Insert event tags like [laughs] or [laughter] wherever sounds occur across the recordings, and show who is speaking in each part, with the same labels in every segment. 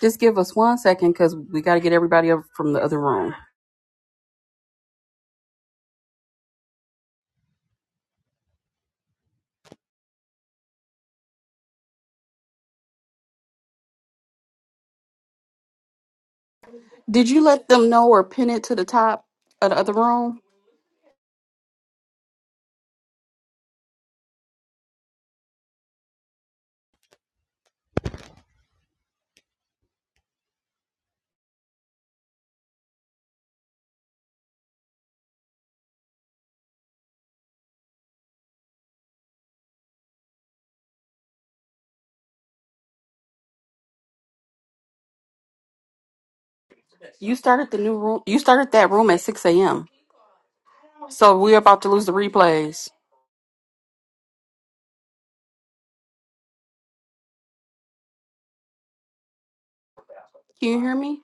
Speaker 1: Just give us one second because we got to get everybody up from the other room. Did you let them know or pin it to the top of the other room? You started the new room. You started that room at 6 a.m. So we're about to lose the replays. Can you hear me?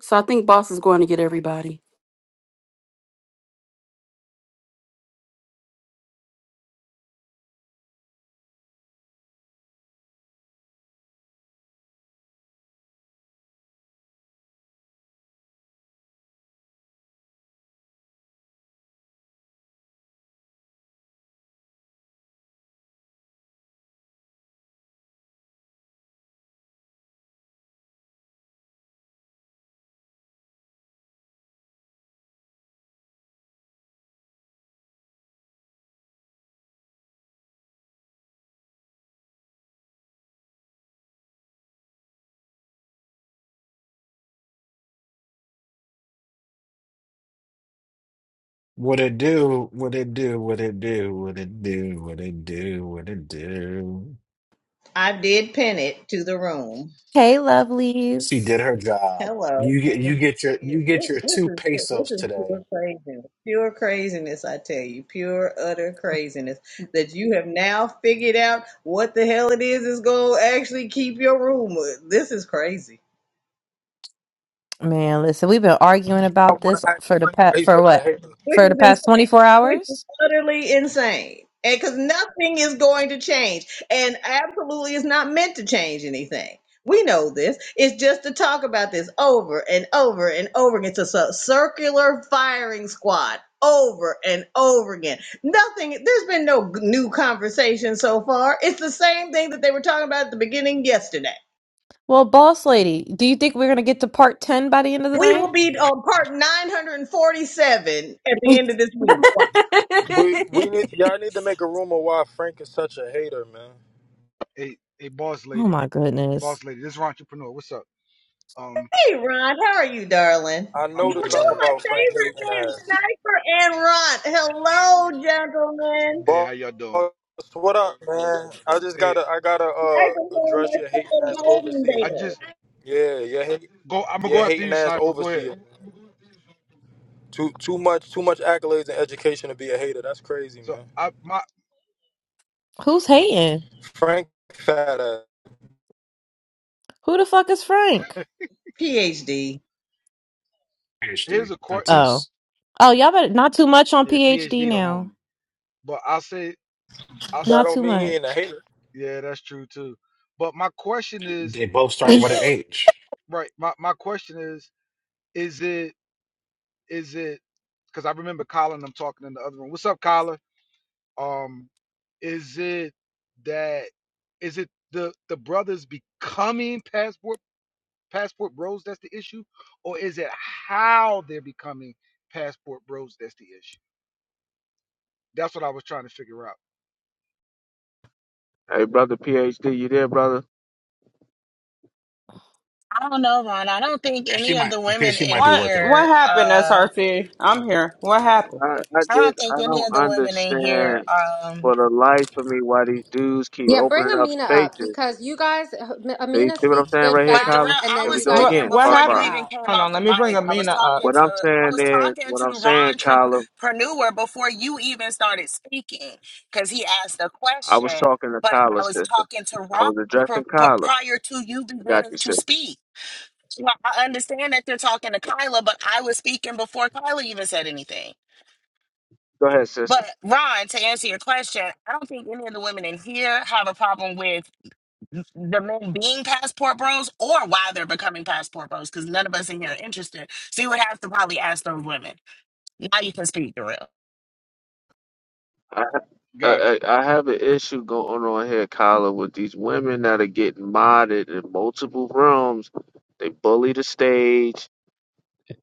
Speaker 1: So I think boss is going to get everybody.
Speaker 2: What it do? What it do? What it do? What it do? What it do? What it do?
Speaker 3: I did pin it to the room.
Speaker 4: Hey,
Speaker 2: She
Speaker 4: lovelies.
Speaker 2: did her job.
Speaker 3: Hello.
Speaker 2: You
Speaker 3: Let
Speaker 2: get you
Speaker 3: me
Speaker 2: get
Speaker 3: give
Speaker 2: your
Speaker 3: you-
Speaker 2: you get your
Speaker 3: This
Speaker 2: two
Speaker 3: this is this
Speaker 2: pesos
Speaker 3: is
Speaker 2: today.
Speaker 3: pure craziness. Pure craziness, I tell you. Pure utter craziness. That you have now figured out what the hell it is is gonna actually keep your room. This is crazy.
Speaker 4: Man, listen, we've been arguing
Speaker 5: I
Speaker 4: about
Speaker 5: want
Speaker 4: this
Speaker 5: to ask
Speaker 4: for the
Speaker 5: Frank
Speaker 4: past
Speaker 5: why he's
Speaker 4: for
Speaker 5: such a
Speaker 4: what?
Speaker 5: hater.
Speaker 3: which
Speaker 4: For the
Speaker 3: is
Speaker 4: past
Speaker 3: insane,
Speaker 4: 24
Speaker 3: which is
Speaker 4: hours?
Speaker 3: utterly insane. And because nothing is going to change, and absolutely is not meant to change anything. We know this. It's just to talk about this over and over and over again. It's a cir- circular firing squad over and over again. Nothing, there's been no g- new conversation so far. It's the same thing that they were talking about at the beginning yesterday.
Speaker 4: Well, boss lady, do you think we're going to get to part 10 by the end of the
Speaker 3: We will
Speaker 4: night?
Speaker 3: be on part 947 at the end of this week.
Speaker 5: We we
Speaker 4: [laughs]
Speaker 5: need y'all need to make a rumor why Frank is such a hater, man.
Speaker 6: Hey, hey, boss
Speaker 4: Oh
Speaker 6: lady,
Speaker 4: my goodness.
Speaker 6: boss lady, this is entrepreneur. What's up? Um,
Speaker 3: Hey, Ron, how are you, darling?
Speaker 5: I
Speaker 3: You-
Speaker 6: I'm
Speaker 3: Two
Speaker 5: noticed something
Speaker 3: of
Speaker 6: good.
Speaker 3: my
Speaker 5: about Frank
Speaker 3: favorite
Speaker 5: hating
Speaker 3: men,
Speaker 5: ass.
Speaker 3: Sniper and Ron. Hello, gentlemen.
Speaker 6: Hey,
Speaker 5: Boss,
Speaker 6: how y'all doing?
Speaker 5: what up, man? I just
Speaker 6: Hey,
Speaker 5: gotta I gotta
Speaker 3: Sniper's
Speaker 5: uh
Speaker 3: one of
Speaker 5: address
Speaker 3: my
Speaker 5: your hating
Speaker 3: fellow
Speaker 5: ass
Speaker 3: Golden
Speaker 5: overseer.
Speaker 6: I
Speaker 3: Bears.
Speaker 6: just
Speaker 5: Yeah, your hate
Speaker 6: go. I'm gonna
Speaker 5: your
Speaker 6: go after
Speaker 5: hating
Speaker 6: you,
Speaker 5: ass
Speaker 6: sniper. Go ahead.
Speaker 5: overseer. Too too much too much accolades and education to be a hater. That's crazy,
Speaker 6: So
Speaker 5: man.
Speaker 6: I my
Speaker 4: Who's hating?
Speaker 5: Frank fat ass.
Speaker 4: Who the fuck is Frank?
Speaker 3: PhD.
Speaker 6: here's
Speaker 2: PhD.
Speaker 6: a court.
Speaker 2: That's
Speaker 4: Oh.
Speaker 2: us.
Speaker 4: Oh, y'all better not too much on
Speaker 6: Yeah, PhD
Speaker 4: PhD
Speaker 6: the
Speaker 4: now.
Speaker 6: homie. But I'll say I'll. s-
Speaker 5: That
Speaker 4: Not
Speaker 5: don't
Speaker 4: too
Speaker 5: mean he ain't a
Speaker 4: much.
Speaker 5: hater.
Speaker 6: Yeah, that's true too. But my question is,
Speaker 2: They both start
Speaker 6: is
Speaker 2: with an
Speaker 6: it
Speaker 2: H.
Speaker 6: right? My my question is, is it is it? Because I remember Colin. I'm talking in the other room. What's up, Colin? Um, is it that is it the the brothers becoming passport passport bros that's the issue, or is it how they're becoming passport bros that's the issue? That's what I was trying to figure out.
Speaker 7: Hey, brother PhD, you there, brother?
Speaker 8: I don't know, Ron. I don't think
Speaker 2: PhD
Speaker 8: any of
Speaker 2: might
Speaker 8: the women
Speaker 2: PhD
Speaker 8: in
Speaker 2: might be
Speaker 9: What
Speaker 2: working.
Speaker 9: what
Speaker 8: here.
Speaker 9: happened,
Speaker 8: Uh,
Speaker 9: SRT? I'm here. What happened?
Speaker 7: I, I
Speaker 8: I don't
Speaker 7: just I
Speaker 8: think any
Speaker 7: don't
Speaker 8: of the women in here.
Speaker 7: understand
Speaker 8: Um,
Speaker 7: for the life of me why these dudes keep
Speaker 10: Yeah, bring
Speaker 7: opening up
Speaker 10: Amina up
Speaker 7: spaces.
Speaker 10: because you guys,
Speaker 7: See,
Speaker 10: Amina
Speaker 7: see what I'm
Speaker 10: speaks
Speaker 7: saying
Speaker 10: good
Speaker 7: right here,
Speaker 8: but Darrell,
Speaker 10: facts,
Speaker 7: Kyler?
Speaker 10: and
Speaker 8: I
Speaker 10: then
Speaker 7: Here we
Speaker 8: was
Speaker 10: you
Speaker 7: go
Speaker 10: guys
Speaker 9: What
Speaker 8: speaking
Speaker 7: again,
Speaker 9: what
Speaker 7: part
Speaker 8: before
Speaker 10: picked
Speaker 8: you
Speaker 10: her
Speaker 7: five.
Speaker 9: happened?
Speaker 8: even
Speaker 10: out.
Speaker 8: came
Speaker 9: Hold
Speaker 8: off
Speaker 9: on,
Speaker 8: the
Speaker 9: let me bring
Speaker 8: mic. I was
Speaker 9: Amina up.
Speaker 8: talking
Speaker 7: What
Speaker 8: to
Speaker 7: I'm
Speaker 8: I
Speaker 7: saying
Speaker 8: was
Speaker 4: [laughs]
Speaker 7: is,
Speaker 8: talking
Speaker 7: what
Speaker 8: to
Speaker 7: I'm saying,
Speaker 8: Ron
Speaker 7: Kyler,
Speaker 8: Trepreneur before you even started speaking because he asked a
Speaker 7: I was
Speaker 8: question.
Speaker 7: talking to
Speaker 8: But I
Speaker 7: Kyler,
Speaker 8: was
Speaker 7: sister.
Speaker 8: talking to
Speaker 7: I was
Speaker 8: Ron
Speaker 7: addressing
Speaker 8: pr- pr-
Speaker 7: Kyler.
Speaker 8: prior to you
Speaker 7: I got
Speaker 8: beginning
Speaker 7: you,
Speaker 8: to
Speaker 7: sister.
Speaker 8: speak. So I I understand that they're talking to Kyla, but I was speaking before Kyla even said anything.
Speaker 7: Go ahead,
Speaker 8: But
Speaker 7: sister.
Speaker 8: Ron, to answer your question, I don't think any of the women in here have a problem with the men being passport bros or why they're becoming passport bros because none of us in here are interested. So you would have to probably ask those women. Now you can speak the real.
Speaker 7: I,
Speaker 6: Gotcha.
Speaker 7: I, I I have an issue going on here, Kyler, with these women that are getting modded in multiple rooms. They bully the stage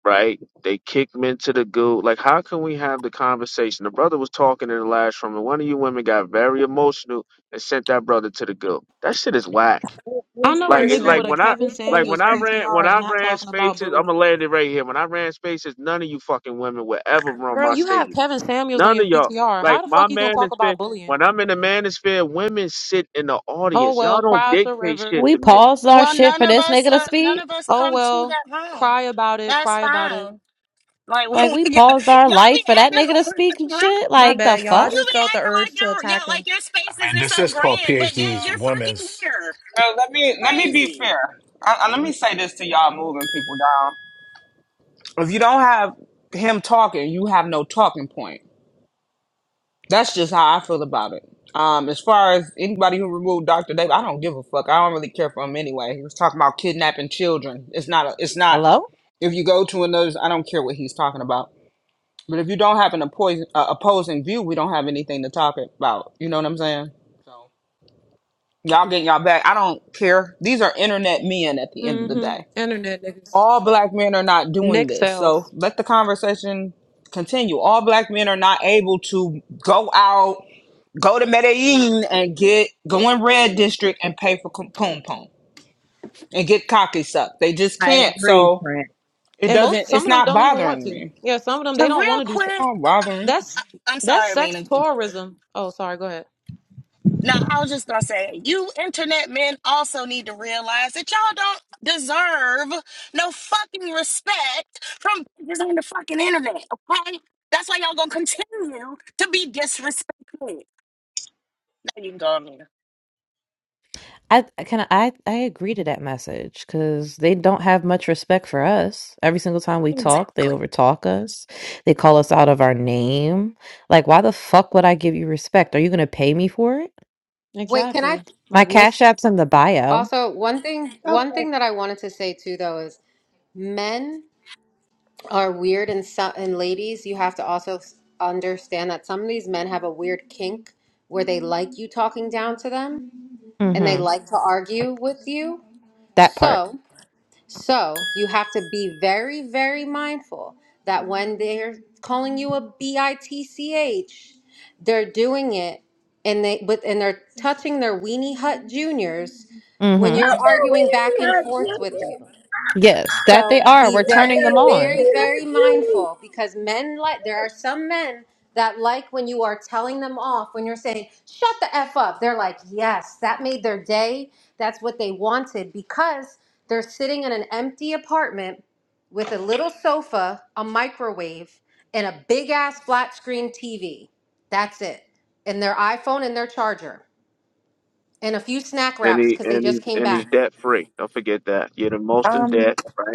Speaker 7: right? They kicked men to the goo. Like, how can we have the conversation? The brother was talking in the last room, and one of you women got very emotional and sent that brother to the goo. That shit is whack.
Speaker 3: Wh-
Speaker 11: I
Speaker 3: Which
Speaker 11: know a
Speaker 7: Like, it,
Speaker 3: person
Speaker 11: nigga
Speaker 3: are
Speaker 7: like
Speaker 11: with
Speaker 3: you?
Speaker 11: a
Speaker 7: when I.
Speaker 11: Kevin
Speaker 3: Which
Speaker 7: Like
Speaker 3: person
Speaker 7: when
Speaker 11: Samuels
Speaker 3: are
Speaker 7: I
Speaker 3: you?
Speaker 7: ran, when
Speaker 11: PTR is
Speaker 7: I
Speaker 11: not
Speaker 7: ran
Speaker 11: talking about
Speaker 7: spaces, I'm
Speaker 11: bullying.
Speaker 7: gonna land it right here. When I ran spaces, none of you fucking women would ever run
Speaker 11: Girl,
Speaker 7: my
Speaker 11: you have
Speaker 7: stage.
Speaker 11: Kevin Samuels on
Speaker 7: None
Speaker 11: your
Speaker 7: of y'all.
Speaker 11: PTR.
Speaker 7: Like
Speaker 11: How the
Speaker 7: my
Speaker 11: fuck you gonna talk
Speaker 7: manosphere,
Speaker 11: about bullying?
Speaker 7: when I'm in the manosphere, women sit in the
Speaker 11: Oh
Speaker 7: audience. Y'all
Speaker 11: well,
Speaker 7: don't
Speaker 11: cry us a
Speaker 7: dictate
Speaker 11: river.
Speaker 7: shit
Speaker 4: we
Speaker 7: to men.
Speaker 4: paused our
Speaker 8: Well,
Speaker 4: shit
Speaker 8: none
Speaker 4: for
Speaker 8: of
Speaker 4: this
Speaker 8: us
Speaker 4: nigga to
Speaker 8: are. None
Speaker 4: speak.
Speaker 8: of us
Speaker 11: Oh
Speaker 8: come to
Speaker 11: well,
Speaker 8: that room.
Speaker 11: cry about it,
Speaker 8: That's
Speaker 11: cry about it.
Speaker 8: fine. Like [laughs]
Speaker 4: Like
Speaker 8: y'all,
Speaker 4: we paused our
Speaker 8: y'all be
Speaker 4: life for that nigga to
Speaker 8: acting
Speaker 4: speak and
Speaker 8: [laughs]
Speaker 4: shit.
Speaker 8: right.
Speaker 11: My
Speaker 4: Like the
Speaker 11: bad, y'all. I
Speaker 4: fuck?
Speaker 8: You
Speaker 11: just
Speaker 8: be
Speaker 11: felt the
Speaker 8: acting
Speaker 11: urge
Speaker 8: like
Speaker 11: to
Speaker 8: your yeah,
Speaker 11: attack him.
Speaker 8: like your
Speaker 2: I
Speaker 8: spaces
Speaker 2: mean,
Speaker 8: are
Speaker 2: this
Speaker 8: so
Speaker 2: is called
Speaker 8: grand, but yet
Speaker 2: PhD's
Speaker 9: Well,
Speaker 8: you're fucking
Speaker 2: Women's.
Speaker 8: here.
Speaker 9: well, let me let me be
Speaker 8: Crazy.
Speaker 9: fair. I, I, let me say this to y'all moving people down. If you don't have him talking, you have no talking point. That's just how I feel about it. Um, as far as anybody who removed Dr. Dave, I don't give a fuck. I don't really care for him anyway. He was talking about kidnapping children. It's not a, it's not
Speaker 4: Hello?
Speaker 9: if you go to another I don't care what he's talking about But if you don't have an opposing, uh, opposing view, we don't have anything to talk about. You know what I'm saying? So y'all get y'all back. I don't care. These are internet men at the end of the
Speaker 11: Mm-hmm.
Speaker 9: day.
Speaker 11: Internet niggas.
Speaker 9: All black men are not doing
Speaker 11: Nick
Speaker 9: this. So
Speaker 11: sells.
Speaker 9: let the conversation continue. All black men are not able to go out, go to Medellin and get go in red district and pay for com- poom poom and get cocky sucked. They just
Speaker 3: I
Speaker 9: can't.
Speaker 3: agree,
Speaker 9: So
Speaker 3: Prince.
Speaker 9: it
Speaker 11: And most
Speaker 9: doesn't.
Speaker 11: some
Speaker 9: It's
Speaker 11: of them
Speaker 9: not
Speaker 11: don't even want
Speaker 9: bothering
Speaker 11: to.
Speaker 9: me. It's
Speaker 11: Yeah, some of them
Speaker 8: So
Speaker 11: they don't want
Speaker 8: real
Speaker 11: to do se-
Speaker 8: quick,
Speaker 9: not
Speaker 8: uh,
Speaker 9: bothering. me.
Speaker 11: that's
Speaker 8: uh, I'm
Speaker 11: that's
Speaker 8: sorry,
Speaker 11: sex
Speaker 8: Mina.
Speaker 11: tourism. Oh, sorry, go ahead.
Speaker 8: Now I was just gonna say, you internet men also need to realize that y'all don't deserve no fucking respect from bitches on the fucking internet. Okay, that's why y'all gonna continue to be disrespected. There you go, Mina.
Speaker 4: I kind of I I agree to that message because they don't have much respect for us. Every single time we talk, they
Speaker 8: Exactly.
Speaker 4: overtalk us. They call us out of our name. Like, why the fuck would I give you respect? Are you gonna pay me for it?
Speaker 10: Wait, can I
Speaker 11: Exactly.
Speaker 4: My
Speaker 11: Like what's
Speaker 4: cash app's in the bio.
Speaker 10: also one thing?
Speaker 3: Okay. Not
Speaker 10: One thing that I wanted to say too, though, is men are weird, and some and ladies, you have to also s- understand that some of these men have a weird kink where they like you talking down to them, and they
Speaker 4: Mm-hmm.
Speaker 10: like to argue with you.
Speaker 4: That part.
Speaker 10: So So you have to be very, very mindful that when they're calling you a bitch, they're doing it and they but and they're touching their weenie hut juniors when
Speaker 4: Mm-hmm.
Speaker 10: you're
Speaker 3: that
Speaker 10: arguing
Speaker 3: we
Speaker 10: back
Speaker 3: need
Speaker 10: and
Speaker 3: her,
Speaker 10: forth with you.
Speaker 4: Yes, that they
Speaker 10: So
Speaker 4: are.
Speaker 10: be
Speaker 4: We're
Speaker 3: Not
Speaker 4: turning
Speaker 3: that
Speaker 4: them
Speaker 10: very,
Speaker 4: on.
Speaker 10: very, very
Speaker 3: we need
Speaker 10: mindful because men like there are some men that like when you are telling them off, when you're saying, shut the F up, they're like, yes, that made their day. That's what they wanted because they're sitting in an empty apartment with a little sofa, a microwave, and a big ass flat screen TV. That's it. And their iPhone and their charger and a few snack
Speaker 7: And
Speaker 10: wraps
Speaker 7: he
Speaker 10: because they
Speaker 7: and
Speaker 10: just
Speaker 7: he
Speaker 10: came
Speaker 7: and
Speaker 10: back.
Speaker 7: he's debt free. Don't forget that. You're the most in
Speaker 12: Um,
Speaker 7: debt, right?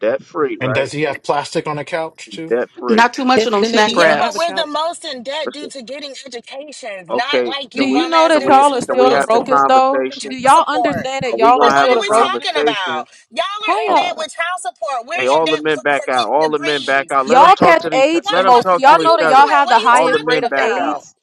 Speaker 7: Debt free,
Speaker 2: And does
Speaker 7: right?
Speaker 2: he have plastic on a couch
Speaker 7: Be
Speaker 2: too?
Speaker 7: debt free.
Speaker 1: Not too much of
Speaker 11: if
Speaker 1: them
Speaker 11: the nigga
Speaker 1: snack
Speaker 8: Yeah,
Speaker 11: even have
Speaker 8: but
Speaker 11: a
Speaker 1: wraps.
Speaker 8: we're
Speaker 11: couch.
Speaker 8: the most in debt due
Speaker 7: Listen,
Speaker 8: to getting educations, not
Speaker 7: okay,
Speaker 8: like
Speaker 11: Do
Speaker 7: can
Speaker 8: you
Speaker 11: you
Speaker 7: we
Speaker 8: bum
Speaker 11: know
Speaker 8: ass
Speaker 11: that
Speaker 7: can we
Speaker 8: niggas
Speaker 11: y'all are
Speaker 8: who's the
Speaker 7: can
Speaker 11: still
Speaker 7: we
Speaker 11: the
Speaker 7: have
Speaker 8: most
Speaker 7: the
Speaker 8: in
Speaker 11: brokest
Speaker 8: debt for
Speaker 11: though?
Speaker 8: having
Speaker 7: conversation?
Speaker 11: Do
Speaker 8: child
Speaker 11: y'all
Speaker 8: support.
Speaker 11: understand
Speaker 7: Are
Speaker 11: that
Speaker 7: we
Speaker 11: y'all are
Speaker 8: Like,
Speaker 7: gonna
Speaker 8: what
Speaker 7: have
Speaker 11: still
Speaker 8: are
Speaker 7: a
Speaker 11: the
Speaker 8: we
Speaker 11: brokest?
Speaker 8: talking
Speaker 7: conversation?
Speaker 8: about? Y'all
Speaker 4: Hi
Speaker 8: are in
Speaker 7: Oh,
Speaker 8: debt
Speaker 4: y'all.
Speaker 8: with child support. We're
Speaker 7: hey,
Speaker 8: in
Speaker 7: all the
Speaker 8: debt
Speaker 7: men
Speaker 8: for,
Speaker 7: back
Speaker 8: for
Speaker 7: out.
Speaker 8: getting
Speaker 7: All the men back
Speaker 8: degrees.
Speaker 7: out. Let them
Speaker 11: Y'all
Speaker 8: Like,
Speaker 7: talk
Speaker 8: how,
Speaker 11: catch
Speaker 7: to each.
Speaker 11: AIDS
Speaker 8: what,
Speaker 11: the
Speaker 7: Let them
Speaker 8: what,
Speaker 11: most. Do
Speaker 7: talk
Speaker 11: y'all
Speaker 8: what
Speaker 7: to
Speaker 8: are
Speaker 11: know
Speaker 8: you
Speaker 7: each
Speaker 11: that
Speaker 7: other.
Speaker 11: y'all
Speaker 8: doing?
Speaker 11: have
Speaker 8: What
Speaker 11: the
Speaker 8: are you
Speaker 7: All the
Speaker 11: highest
Speaker 8: talking
Speaker 11: rate
Speaker 7: men
Speaker 11: of
Speaker 7: back out.
Speaker 8: about?
Speaker 11: AIDS?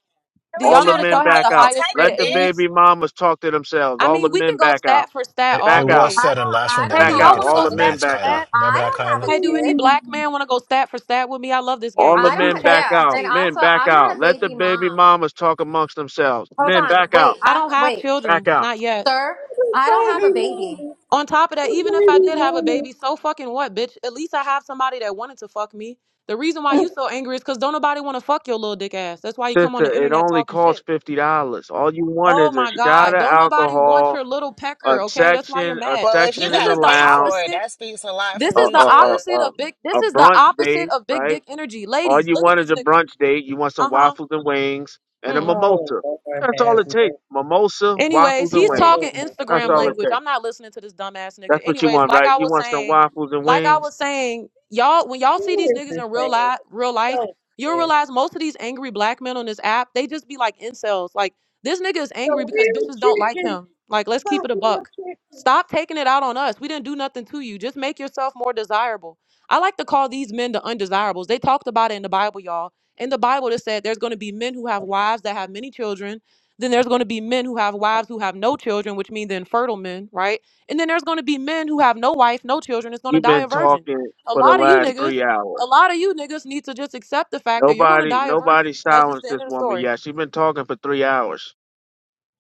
Speaker 8: At
Speaker 11: Do
Speaker 8: least
Speaker 7: All
Speaker 11: y'all
Speaker 8: try
Speaker 11: know
Speaker 7: the
Speaker 8: to
Speaker 11: that
Speaker 7: men
Speaker 11: y'all have
Speaker 7: back
Speaker 11: the
Speaker 8: compare the
Speaker 7: out.
Speaker 11: highest
Speaker 8: type
Speaker 11: rate of
Speaker 7: Let
Speaker 8: of
Speaker 7: the
Speaker 8: debt.
Speaker 11: AIDS?
Speaker 7: baby mamas talk to themselves.
Speaker 11: I
Speaker 7: All
Speaker 11: mean,
Speaker 7: the
Speaker 11: we can
Speaker 7: men
Speaker 11: go
Speaker 7: back out.
Speaker 11: stat for stat
Speaker 2: It, it
Speaker 11: all
Speaker 7: Back
Speaker 2: was
Speaker 7: out.
Speaker 11: day.
Speaker 2: said in the last room that
Speaker 11: Hey, do
Speaker 7: Back
Speaker 2: men would
Speaker 11: y'all
Speaker 7: out.
Speaker 2: get
Speaker 11: want to
Speaker 7: All
Speaker 11: go
Speaker 7: the
Speaker 2: five
Speaker 11: stat
Speaker 7: men
Speaker 2: minutes,
Speaker 11: for
Speaker 7: back out.
Speaker 2: Kyla.
Speaker 11: stat?
Speaker 2: Remember
Speaker 10: I
Speaker 2: that,
Speaker 10: don't have
Speaker 3: her,
Speaker 10: a
Speaker 2: Kyla?
Speaker 11: Hey, do any
Speaker 10: kid.
Speaker 11: black
Speaker 3: Hmm.
Speaker 11: man want to go stat for stat with me? I love this
Speaker 7: All
Speaker 11: game.
Speaker 7: the
Speaker 10: I
Speaker 11: Let's use
Speaker 7: men
Speaker 10: don't.
Speaker 11: Chat
Speaker 7: back
Speaker 10: Yeah,
Speaker 7: out.
Speaker 10: and
Speaker 11: GPT.
Speaker 7: Men
Speaker 10: also
Speaker 7: back
Speaker 10: I'm not a
Speaker 7: out. Let the
Speaker 10: baby
Speaker 7: baby
Speaker 10: mom.
Speaker 7: mamas talk amongst themselves.
Speaker 10: Hold
Speaker 7: Men
Speaker 10: on.
Speaker 7: back
Speaker 10: Wait.
Speaker 7: out.
Speaker 11: I
Speaker 10: I'm
Speaker 11: don't have
Speaker 10: wait,
Speaker 7: Back
Speaker 11: children,
Speaker 7: out
Speaker 11: not yet.
Speaker 10: sir. I don't have a
Speaker 3: Baby
Speaker 10: baby.
Speaker 3: mama.
Speaker 11: On top of that, even if I
Speaker 3: Baby
Speaker 11: did have a
Speaker 3: mama.
Speaker 11: baby, so fucking what, bitch? At least I have somebody that wanted to fuck me. The reason why you
Speaker 3: [laughs]
Speaker 11: so angry is because don't nobody want to fuck your little dick ass. That's why you come on
Speaker 7: Sister,
Speaker 11: the
Speaker 7: it
Speaker 11: internet
Speaker 7: only
Speaker 11: talking
Speaker 7: costs
Speaker 11: shit.
Speaker 7: fifty dollars. All you want
Speaker 11: Oh
Speaker 7: is a
Speaker 11: my
Speaker 7: shot of
Speaker 11: God. Don't nobody want
Speaker 7: alcohol,
Speaker 11: your little
Speaker 7: a
Speaker 11: pecker, okay? That's why you're
Speaker 7: section, a
Speaker 11: mad.
Speaker 8: Well, if you
Speaker 7: section in
Speaker 11: This
Speaker 7: the
Speaker 8: gotta
Speaker 11: is the
Speaker 8: pay
Speaker 7: lounge,
Speaker 8: for it,
Speaker 11: opposite.
Speaker 8: that speaks a lot for
Speaker 11: This
Speaker 7: a
Speaker 11: is
Speaker 8: you
Speaker 7: a
Speaker 11: the
Speaker 7: a
Speaker 8: too.
Speaker 11: opposite of big.
Speaker 7: a,
Speaker 11: This
Speaker 7: a
Speaker 11: is the
Speaker 7: brunch
Speaker 11: opposite
Speaker 7: date,
Speaker 11: of big
Speaker 7: right?
Speaker 11: dick energy.
Speaker 7: All
Speaker 11: Ladies,
Speaker 7: you
Speaker 11: look at
Speaker 7: want is
Speaker 11: this
Speaker 7: a
Speaker 11: nigga.
Speaker 7: brunch date. You want some
Speaker 11: Uh
Speaker 7: waffles and wings and a
Speaker 11: huh.
Speaker 3: Oh,
Speaker 7: mimosa.
Speaker 3: Lord
Speaker 7: That's all
Speaker 3: have
Speaker 7: it takes.
Speaker 3: mercy.
Speaker 7: Mimosa,
Speaker 11: Anyways,
Speaker 7: waffles and
Speaker 11: he's
Speaker 7: wings.
Speaker 11: talking
Speaker 3: Oh, my
Speaker 7: That's
Speaker 11: Instagram
Speaker 7: all
Speaker 3: goodness.
Speaker 7: it
Speaker 11: language. I'm
Speaker 7: takes.
Speaker 11: not listening to this dumbass nigga.
Speaker 7: That's what you
Speaker 11: Anyways,
Speaker 7: want,
Speaker 11: like
Speaker 7: right?
Speaker 11: I
Speaker 7: You
Speaker 11: was
Speaker 7: want some
Speaker 11: saying,
Speaker 7: waffles and
Speaker 11: like I
Speaker 7: wings.
Speaker 11: was saying, y'all, when y'all see
Speaker 3: Who
Speaker 11: these
Speaker 3: is
Speaker 11: niggas
Speaker 3: this
Speaker 11: in real
Speaker 3: thing?
Speaker 11: life, real
Speaker 3: So
Speaker 11: life, you'll
Speaker 3: yeah.
Speaker 11: realize most of these angry black men on this app, they just be like incels. Like this nigga is
Speaker 3: The
Speaker 11: angry because
Speaker 3: real
Speaker 11: bitches don't like
Speaker 3: chicken.
Speaker 11: him. Like let's keep
Speaker 3: The
Speaker 11: it a
Speaker 3: real
Speaker 11: buck.
Speaker 3: chicken.
Speaker 11: Stop taking it out on us. We didn't do nothing to you. Just make yourself more desirable. I like to call these men the undesirables. They talked about it in the Bible, y'all. In the Bible, it said there's going to be men who have wives that have many children then there's going to be men who have wives who have no children, which means the infertile men, right? And then there's going to be men who have no wife, no children, It's going to
Speaker 7: You've
Speaker 11: die
Speaker 7: been
Speaker 11: a virgin.
Speaker 7: talking
Speaker 11: A
Speaker 7: for the
Speaker 11: lot of you
Speaker 7: last
Speaker 11: niggas,
Speaker 7: three
Speaker 11: a
Speaker 7: hours.
Speaker 11: lot of you niggas need to just accept the fact that you're going to
Speaker 7: Nobody,
Speaker 11: die a virgin.
Speaker 7: nobody
Speaker 11: And that's just
Speaker 7: silenced
Speaker 11: the end
Speaker 7: this
Speaker 11: of the
Speaker 7: woman
Speaker 11: story.
Speaker 7: yet. She's been talking for three hours.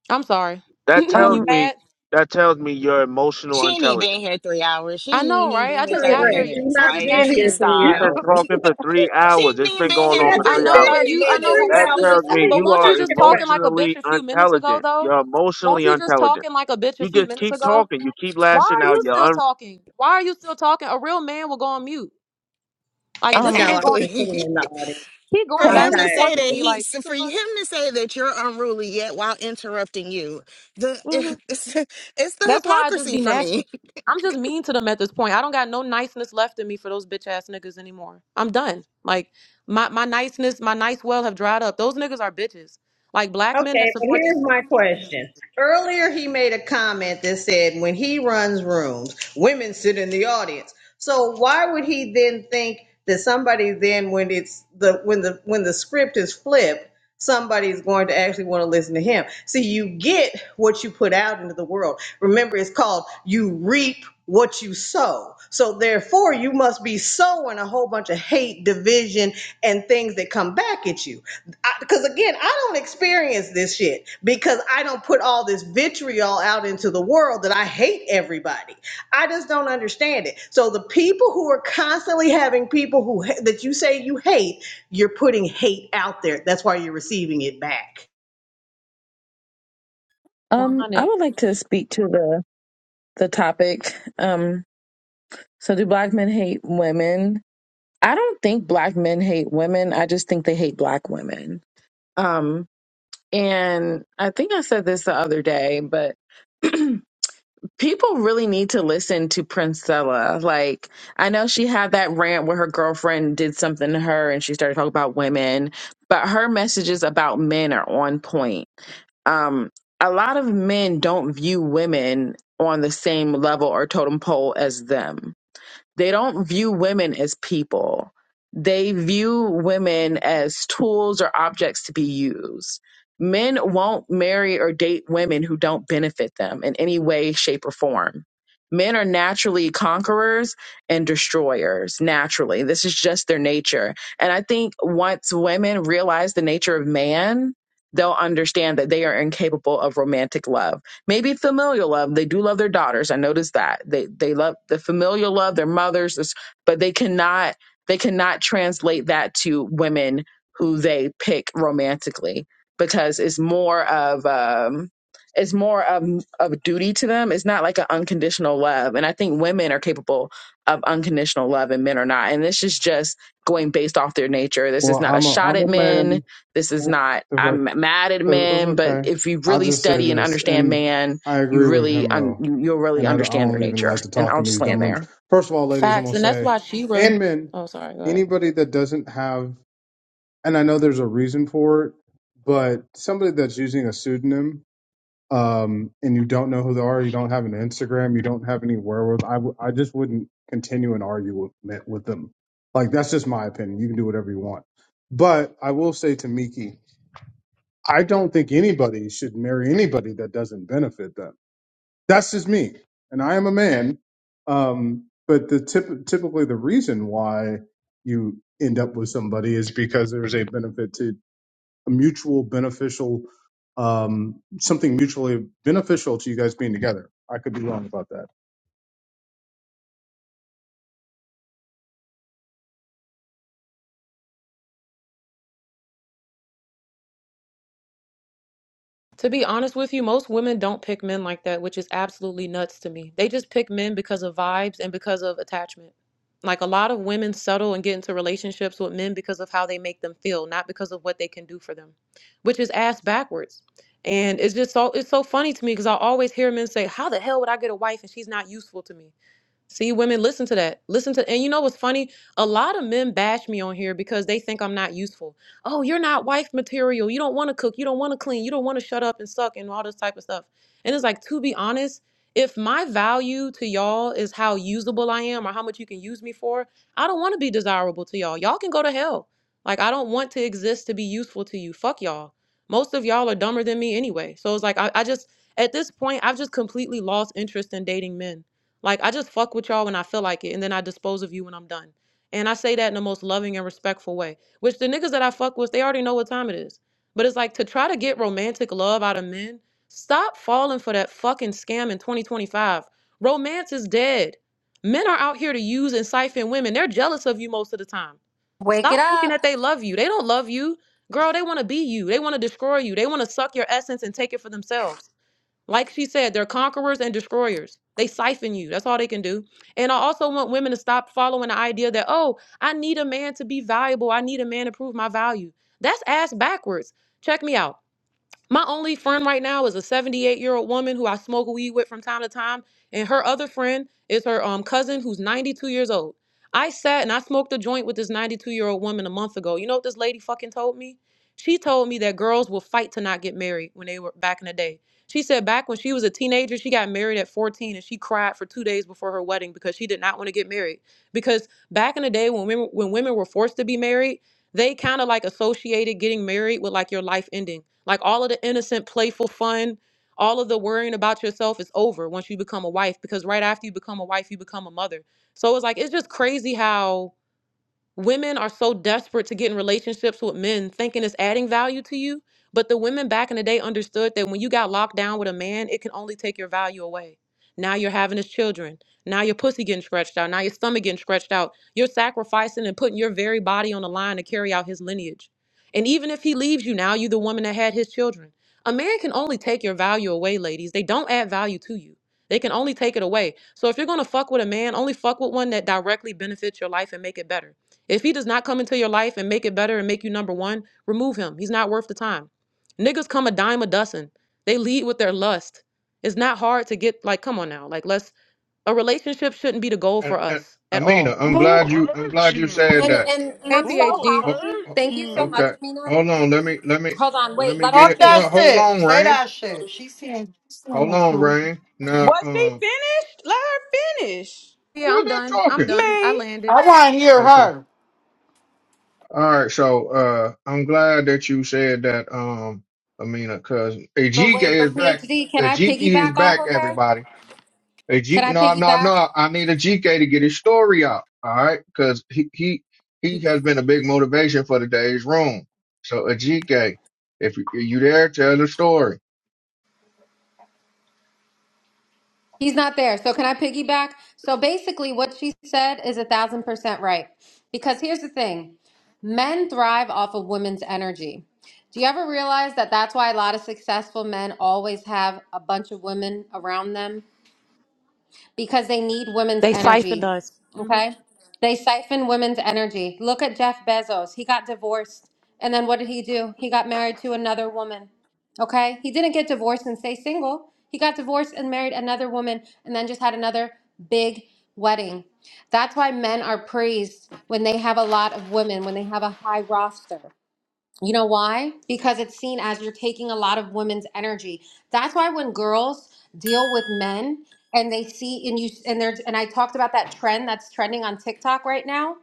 Speaker 11: I'm sorry. [laughs]
Speaker 7: That tells
Speaker 11: you
Speaker 12: um,
Speaker 7: me
Speaker 11: mad?
Speaker 7: that tells me you're emotional
Speaker 8: She ain't even
Speaker 7: intelligent.
Speaker 8: been here three hours. She
Speaker 11: I know,
Speaker 8: ain't even
Speaker 11: right?
Speaker 8: been
Speaker 11: I
Speaker 8: here
Speaker 3: So
Speaker 11: just
Speaker 8: thirty
Speaker 11: got here.
Speaker 3: Rex, you've
Speaker 8: minutes.
Speaker 11: I
Speaker 3: not
Speaker 11: just
Speaker 8: Like,
Speaker 11: got
Speaker 3: been here
Speaker 8: please
Speaker 11: here.
Speaker 3: three
Speaker 7: You've
Speaker 8: stop.
Speaker 7: been
Speaker 3: hours.
Speaker 7: talking
Speaker 3: [laughs]
Speaker 7: for three
Speaker 8: She
Speaker 7: hours.
Speaker 8: ain't
Speaker 7: It's
Speaker 8: even
Speaker 7: been
Speaker 8: been
Speaker 3: She
Speaker 7: going
Speaker 8: here
Speaker 7: on
Speaker 8: for
Speaker 7: for
Speaker 11: I
Speaker 8: three
Speaker 7: three
Speaker 3: hasn't
Speaker 8: for
Speaker 11: know,
Speaker 3: been
Speaker 7: hours.
Speaker 11: but
Speaker 8: thirty
Speaker 3: here
Speaker 11: you, I
Speaker 3: for
Speaker 11: know, but
Speaker 3: three
Speaker 7: That
Speaker 8: minutes.
Speaker 11: won't you
Speaker 3: hours.
Speaker 7: tells
Speaker 11: just,
Speaker 3: What
Speaker 7: me
Speaker 3: are
Speaker 11: but
Speaker 7: you
Speaker 3: you
Speaker 11: won't you
Speaker 7: are
Speaker 11: just
Speaker 3: talking
Speaker 11: talking
Speaker 3: about?
Speaker 11: like a bitch
Speaker 7: emotionally
Speaker 11: a few minutes ago,
Speaker 7: intelligent.
Speaker 11: though?
Speaker 7: You're
Speaker 11: Won't
Speaker 7: emotionally
Speaker 11: you just
Speaker 7: intelligent.
Speaker 11: talking like a bitch a
Speaker 7: You
Speaker 11: few
Speaker 7: just
Speaker 11: minutes
Speaker 7: keep
Speaker 11: ago?
Speaker 7: talking. You keep
Speaker 11: Why
Speaker 7: lashing
Speaker 11: are
Speaker 7: out.
Speaker 11: you
Speaker 7: You're
Speaker 11: still
Speaker 7: un-
Speaker 11: talking? Why are you still talking? A real man will go on mute. Like this
Speaker 12: um,
Speaker 3: No,
Speaker 11: man
Speaker 3: I
Speaker 11: going,
Speaker 3: just put
Speaker 8: Exactly.
Speaker 3: him in the audience.
Speaker 11: he
Speaker 8: [laughs] for
Speaker 11: going
Speaker 12: can
Speaker 3: I'm
Speaker 12: I?
Speaker 11: back
Speaker 8: him
Speaker 11: and
Speaker 8: to
Speaker 11: forth
Speaker 8: say
Speaker 11: with
Speaker 8: that
Speaker 3: tired.
Speaker 11: me.
Speaker 8: he,
Speaker 11: Like what
Speaker 8: for
Speaker 11: the fuck?
Speaker 8: him to say that you're unruly yet while interrupting you, the
Speaker 11: hmm
Speaker 8: [laughs] it's, it's the
Speaker 11: That's why I just
Speaker 8: hypocrisy
Speaker 11: be
Speaker 8: for
Speaker 11: nasty.
Speaker 8: me.
Speaker 11: I'm just mean to them at this point. I don't got no niceness left in me for those bitch ass niggas anymore. I'm done. Like my my niceness, my nice well have dried up. Those niggas are bitches. Like black men that
Speaker 3: Okay, but
Speaker 11: support these
Speaker 3: here's my question. Earlier, he made a comment that said when he runs rooms, women sit in the audience. So why would he then think that somebody then, when it's the when the when the script is flipped, somebody's going to actually want to listen to him? See, you get what you put out into the world. Remember, it's called you reap what you sow. So therefore, you must be sowing a whole bunch of hate, division, and things that come back at you because again, I don't experience this shit because I don't put all this vitriol out into the world that I hate everybody. I just don't understand it. So the people who are constantly having people who ha- that you say you hate, you're putting hate out there. That's why you're receiving it back.
Speaker 12: Um, I
Speaker 11: 100
Speaker 12: would like to speak to the the topic. Um, so do black men hate women? I don't think black men hate women. I just think they hate black women. Um, and I think I said this the other day, but [clears throat] People really need to listen to Princella. Like, I know she had that rant where her girlfriend did something to her and she started talking about women, but her messages about men are on point. Um, a lot of men don't view women on the same level or totem pole as them. They don't view women as people. They view women as tools or objects to be used. Men won't marry or date women who don't benefit them in any way, shape, or form. Men are naturally conquerors and destroyers, naturally. This is just their nature. And I think once women realize the nature of man, they'll understand that they are incapable of romantic love Maybe familial love. They do love their daughters. I noticed that. They they love the familial love, their mothers, this- but they cannot they cannot translate that to women who they pick romantically because it's more of um it's more of of duty to them. It's not like an unconditional love. And I think women are capable of unconditional love and men are not. And this is just going based off their nature. This is
Speaker 13: Well,
Speaker 12: not a
Speaker 13: I'm a
Speaker 12: shot
Speaker 13: I'm
Speaker 12: at
Speaker 13: a
Speaker 12: men
Speaker 13: man.
Speaker 12: this is not,
Speaker 13: If I,
Speaker 12: I'm mad at
Speaker 13: it's
Speaker 12: men, but
Speaker 13: okay.
Speaker 12: if you
Speaker 13: I
Speaker 12: really
Speaker 13: just say
Speaker 12: study and
Speaker 13: this,
Speaker 12: understand
Speaker 13: and
Speaker 12: man,
Speaker 13: I
Speaker 12: you
Speaker 13: agree with
Speaker 12: really,
Speaker 13: him.
Speaker 12: un,
Speaker 13: Oh,
Speaker 12: you, you'll really
Speaker 13: and I, I
Speaker 12: understand their
Speaker 13: don't even
Speaker 12: nature.
Speaker 13: like to
Speaker 12: And
Speaker 13: talk
Speaker 12: I'll
Speaker 13: in
Speaker 12: just
Speaker 13: these
Speaker 12: land
Speaker 13: dumb rooms.
Speaker 12: there.
Speaker 13: First of all, ladies, I'm
Speaker 11: facts,
Speaker 13: gonna
Speaker 11: and that's
Speaker 13: say,
Speaker 11: why Shira.
Speaker 13: and men,
Speaker 11: Oh, sorry. Go ahead.
Speaker 13: anybody that doesn't have, and I know there's a reason for it, but somebody that's using a pseudonym um, and you don't know who they are, you don't have an Instagram, you don't have any wherewithal, I, w- I just wouldn't continue an argument with with them. Like, that's just my opinion. You can do whatever you want. But I will say to Miki, I don't think anybody should marry anybody that doesn't benefit them. That's just me. And I am a man. Um, but the tip, typically the reason why you end up with somebody is because there's a benefit to a mutual beneficial um, something mutually beneficial to you guys being together. I could be wrong about that.
Speaker 11: To be honest with you, most women don't pick men like that, which is absolutely nuts to me. They just pick men because of vibes and because of attachment. Like a lot of women settle and get into relationships with men because of how they make them feel, not because of what they can do for them, which is ass backwards. And it's just so it's so funny to me because I always hear men say, "How the hell would I get a wife and she's not useful to me?" See, women, listen to that. Listen to, and you know what's funny? A lot of men bash me on here because they think I'm not useful. Oh, you're not wife material. You don't want to cook. You don't want to clean. You don't want to shut up and suck and all this type of stuff. And it's like, to be honest, if my value to y'all is how usable I am or how much you can use me for, I don't want to be desirable to y'all. Y'all can go to hell. Like, I don't want to exist to be useful to you. Fuck y'all. Most of y'all are dumber than me anyway. So it's like, I, I just, at this point, I've just completely lost interest in dating men like I just fuck with y'all when I feel like it, and then I dispose of you when I'm done. And I say that in the most loving and respectful way. Which the niggas that I fuck with, they already know what time it is. But it's like to try to get romantic love out of men, stop falling for that fucking scam in 2025. Romance is dead. Men are out here to use and siphon women. They're jealous of you most of the time.
Speaker 10: Wake it
Speaker 11: Stop thinking
Speaker 10: up.
Speaker 11: that they love you. They don't love you. Girl, they want to be you. They want to destroy you. They want to suck your essence and take it for themselves. Like she said, they're conquerors and destroyers. They siphon you. That's all they can do. And I also want women to stop following the idea that, oh, I need a man to be valuable. I need a man to prove my value. That's ass backwards. Check me out. My only friend right now is a 78 year old woman who I smoke weed with from time to time, and her other friend is her um, cousin who's 92 years old. I sat and I smoked a joint with this 92 year old woman a month ago. You know what this lady fucking told me? She told me that girls will fight to not get married when they were back in the day. She said back when she was a teenager, she got married at 14 and she cried for two days before her wedding because she did not want to get married. Because back in the day when women, when women were forced to be married, they kind of like associated getting married with like your life ending. Like all of the innocent, playful fun, all of the worrying about yourself is over once you become a wife because right after you become a wife, you become a mother. So it's like it's just crazy how Women are so desperate to get in relationships with men, thinking it's adding value to you. But the women back in the day understood that when you got locked down with a man, it can only take your value away. Now you're having his children. Now your pussy getting stretched out. Now your stomach getting stretched out. You're sacrificing and putting your very body on the line to carry out his lineage. And even if he leaves you now, you're the woman that had his children. A man can only take your value away, ladies. They don't add value to you. They can only take it away. So if you're gonna fuck with a man, only fuck with one that directly benefits your life and make it better. If he does not come into your life and make it better and make you number one, remove him. He's not worth the time. Niggas come a dime a dozen. They lead with their lust. It's not hard to get like, come on now. Like let's a relationship shouldn't be the goal
Speaker 14: And,
Speaker 11: for
Speaker 14: and
Speaker 11: us at
Speaker 14: Amina,
Speaker 11: all.
Speaker 14: I'm
Speaker 15: Who
Speaker 14: glad you I'm
Speaker 15: hurt
Speaker 14: glad you said
Speaker 10: And
Speaker 15: you?
Speaker 14: that.
Speaker 10: and and
Speaker 11: Hey
Speaker 10: I'm so
Speaker 15: Who
Speaker 11: PhD.
Speaker 14: Ho-
Speaker 10: happy.
Speaker 15: hurt
Speaker 14: ho-
Speaker 10: Thank you so much,
Speaker 14: okay,
Speaker 15: you?
Speaker 10: Amina.
Speaker 14: hold on. Let me let me
Speaker 10: Hold on.
Speaker 14: let
Speaker 10: Wait.
Speaker 14: me
Speaker 10: Let me
Speaker 14: get
Speaker 16: Talk
Speaker 14: it.
Speaker 16: that
Speaker 14: No,
Speaker 10: speak.
Speaker 14: hold
Speaker 16: shit.
Speaker 14: on,
Speaker 16: Say
Speaker 14: Rain.
Speaker 16: that shit. She saying,
Speaker 14: Hold on, Rain. Now,
Speaker 17: Was she
Speaker 14: um,
Speaker 17: finished? Let her finish.
Speaker 11: Yeah,
Speaker 14: who is
Speaker 11: I'm
Speaker 14: that
Speaker 11: done. I'm
Speaker 14: talking?
Speaker 11: done. I
Speaker 17: Me.
Speaker 11: landed.
Speaker 16: I want to hear
Speaker 14: Okay.
Speaker 16: her.
Speaker 14: All right. So, uh, I'm glad that you said that, um, Amina, because
Speaker 10: But
Speaker 14: Ajike
Speaker 10: wait.
Speaker 14: is
Speaker 10: But
Speaker 14: back.
Speaker 10: PhD, can I
Speaker 14: Ajike is
Speaker 10: piggyback off
Speaker 14: back.
Speaker 10: of her?
Speaker 14: Everybody. A
Speaker 10: Can
Speaker 14: G,
Speaker 10: I
Speaker 14: no, no,
Speaker 10: piggyback?
Speaker 14: no. I need a G K to get his story out. All right, because he he he has been a big motivation for today's room. So a G K, if you you there, tell the story.
Speaker 10: He's not there. So can I piggyback? So basically, what she said is a thousand percent right. Because here's the thing men thrive off of women's energy. Do you ever realize that that's why a lot of successful men always have a bunch of women around them? because they need women's
Speaker 11: They siphoned
Speaker 10: energy.
Speaker 11: us. hmm
Speaker 10: Okay? They siphon women's energy. Look at Jeff Bezos. He got divorced. And then what did he do? He got married to another woman. Okay? He didn't get divorced and stay single. He got divorced and married another woman and then just had another big wedding. That's why men are praised when they have a lot of women, when they have a high roster. You know why? Because it's seen as you're taking a lot of women's energy. That's why when girls deal with men and they see and you and there's and I talked about that trend that's trending on TikTok right now.